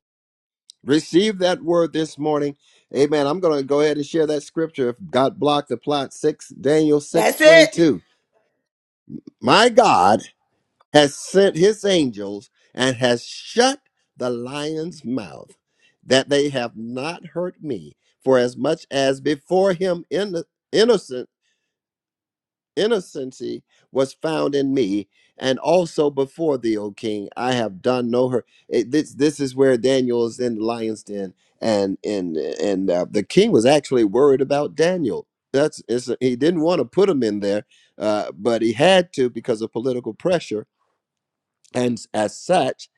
Receive that word this morning. Amen. I'm going to go ahead and share that scripture. If God blocked the plot, 6 Daniel That's it. 6:22. My God has sent his angels and has shut the lion's mouth, that they have not hurt me. For as much as before him in, innocent innocency was found in me, and also before thee, O king, I have done no hurt. It- this this is where Daniel is in the lion's den, and and and uh, the king was actually worried about Daniel. That's it's, he didn't want to put him in there, uh, but he had to because of political pressure and as such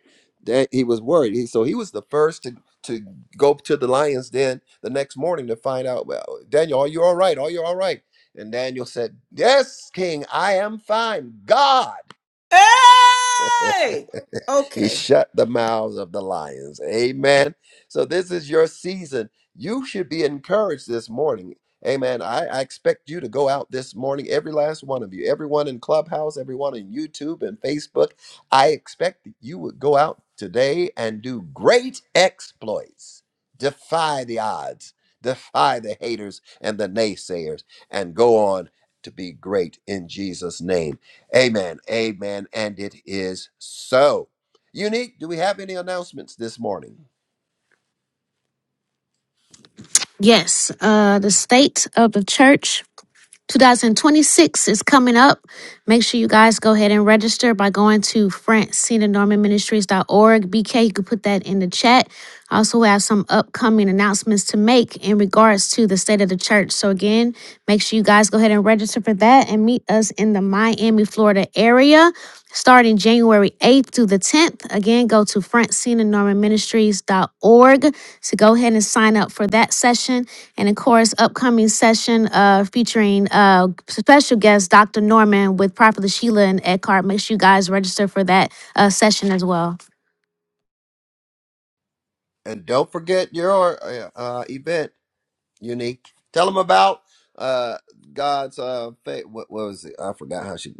that he was worried he, so he was the first to to go to the lions den the next morning to find out well daniel are you all right are you all right and daniel said yes king i am fine god Hey! he Okay. shut the mouths of the lions. Amen. So this is your season. You should be encouraged this morning. Amen. I, I expect you to go out this morning, every last one of you, everyone in Clubhouse, everyone in YouTube and Facebook. I expect that you would go out today and do great exploits, defy the odds, defy the haters and the naysayers, and go on to be great in Jesus' name. Amen. Amen. And it is so. Unique, do we have any announcements this morning? Yes, uh, the state of the church 2026 is coming up. Make sure you guys go ahead and register by going to francina norman ministries dot org. BK, you can put that in the chat. I also have some upcoming announcements to make in regards to the state of the church. So again, make sure you guys go ahead and register for that and meet us in the Miami, Florida area starting January 8th through the 10th. Again, go to francina norman ministries dot org to go ahead and sign up for that session and of course, upcoming session uh, featuring uh, special guest Dr. Norman with Prophet Sheila and Eckhart. Make sure you guys register for that uh, session as well. And don't forget your uh, uh, event, Unique. Tell them about uh, God's uh, fa- what, what was it? I forgot how she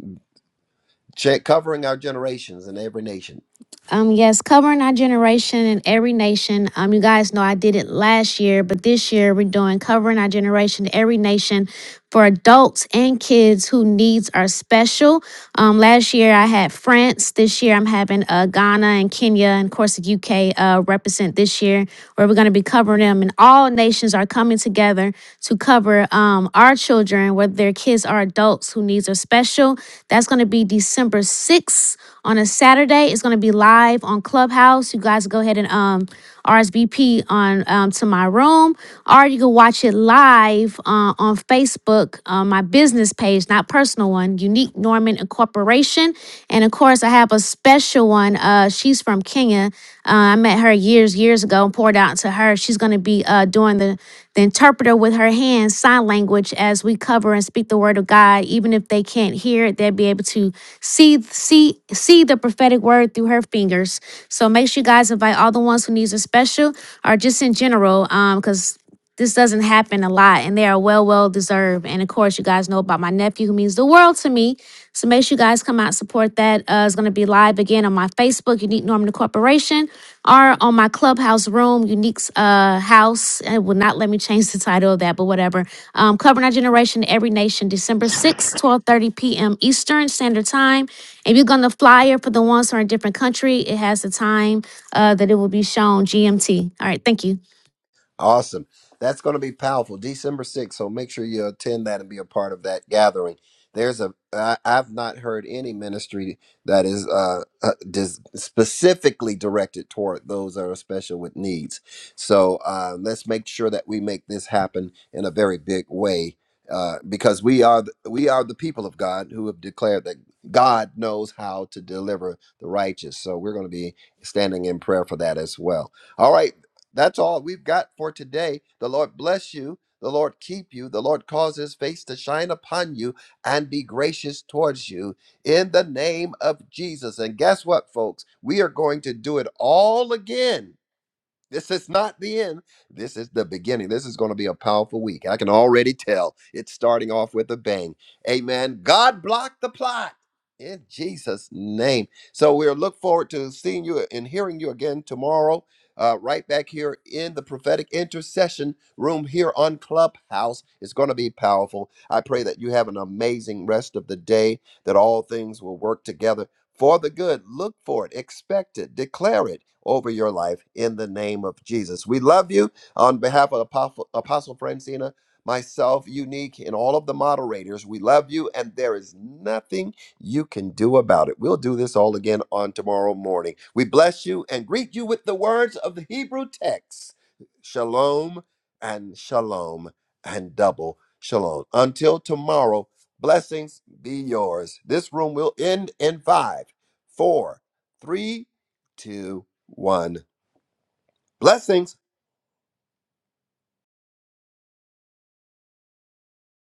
check covering our generations in every nation. Um, yes, covering our generation and every nation. Um, you guys know I did it last year, but this year we're doing covering our generation, every nation, for adults and kids who needs are special. Um, last year I had France. This year I'm having uh, Ghana and Kenya and of course the UK uh, represent this year where we're going to be covering them. And all nations are coming together to cover um, our children, whether their kids are adults who needs are special. That's going to be December 6th on a Saturday. It's going to be live on Clubhouse. You guys go ahead and um, RSVP on um, to my room, or you can watch it live uh, on Facebook, uh, my business page, not personal one, Unique Norman Incorporation. And of course, I have a special one. Uh, she's from Kenya. Uh, I met her years, years ago and poured out to her her. She's going to be uh, doing the, the interpreter with her hands, sign language, as we cover and speak the word of God. Even if they can't hear it, they'll be able to see see see the prophetic word through her fingers. So make sure you guys invite all the ones who needs a special or just in general, because this doesn't happen a lot and they are well well deserved and of course you guys know about my nephew who means the world to me so make sure you guys come out and support that uh, it's going to be live again on my facebook unique norman the corporation or on my clubhouse room unique's uh, house it will not let me change the title of that but whatever um, covering our generation every nation december 6th 12.30 p.m eastern standard time if you're going to flyer for the ones who are in a different country it has the time uh, that it will be shown gmt all right thank you Awesome. That's going to be powerful. December 6th. So make sure you attend that and be a part of that gathering. There's a, I, I've not heard any ministry that is uh, uh, dis- specifically directed toward those that are special with needs. So uh, let's make sure that we make this happen in a very big way. Uh, because we are the, we are the people of God who have declared that God knows how to deliver the righteous, so we're going to be standing in prayer for that as well. All right. That's all we've got for today. The Lord bless you. The Lord keep you. The Lord cause his face to shine upon you and be gracious towards you in the name of Jesus. And guess what, folks? We are going to do it all again this is not the end. This is the beginning. This is going to be a powerful week. I can already tell it's starting off with a bang. Amen. God block the plot in Jesus' name. So we'll look forward to seeing you and hearing you again tomorrow, uh, right back here in the prophetic intercession room here on Clubhouse. It's going to be powerful. I pray that you have an amazing rest of the day, that all things will work together for the good. Look for it, expect it, declare it over your life in the name of Jesus. We love you on behalf of Apostle, Apostle Francina, myself, Unique, and all of the moderators. We love you, and there is nothing you can do about it. We'll do this all again on tomorrow morning. We bless you and greet you with the words of the Hebrew text Shalom and shalom and double shalom. Until tomorrow. Blessings be yours. This room will end in five, four, three, two, one. Blessings.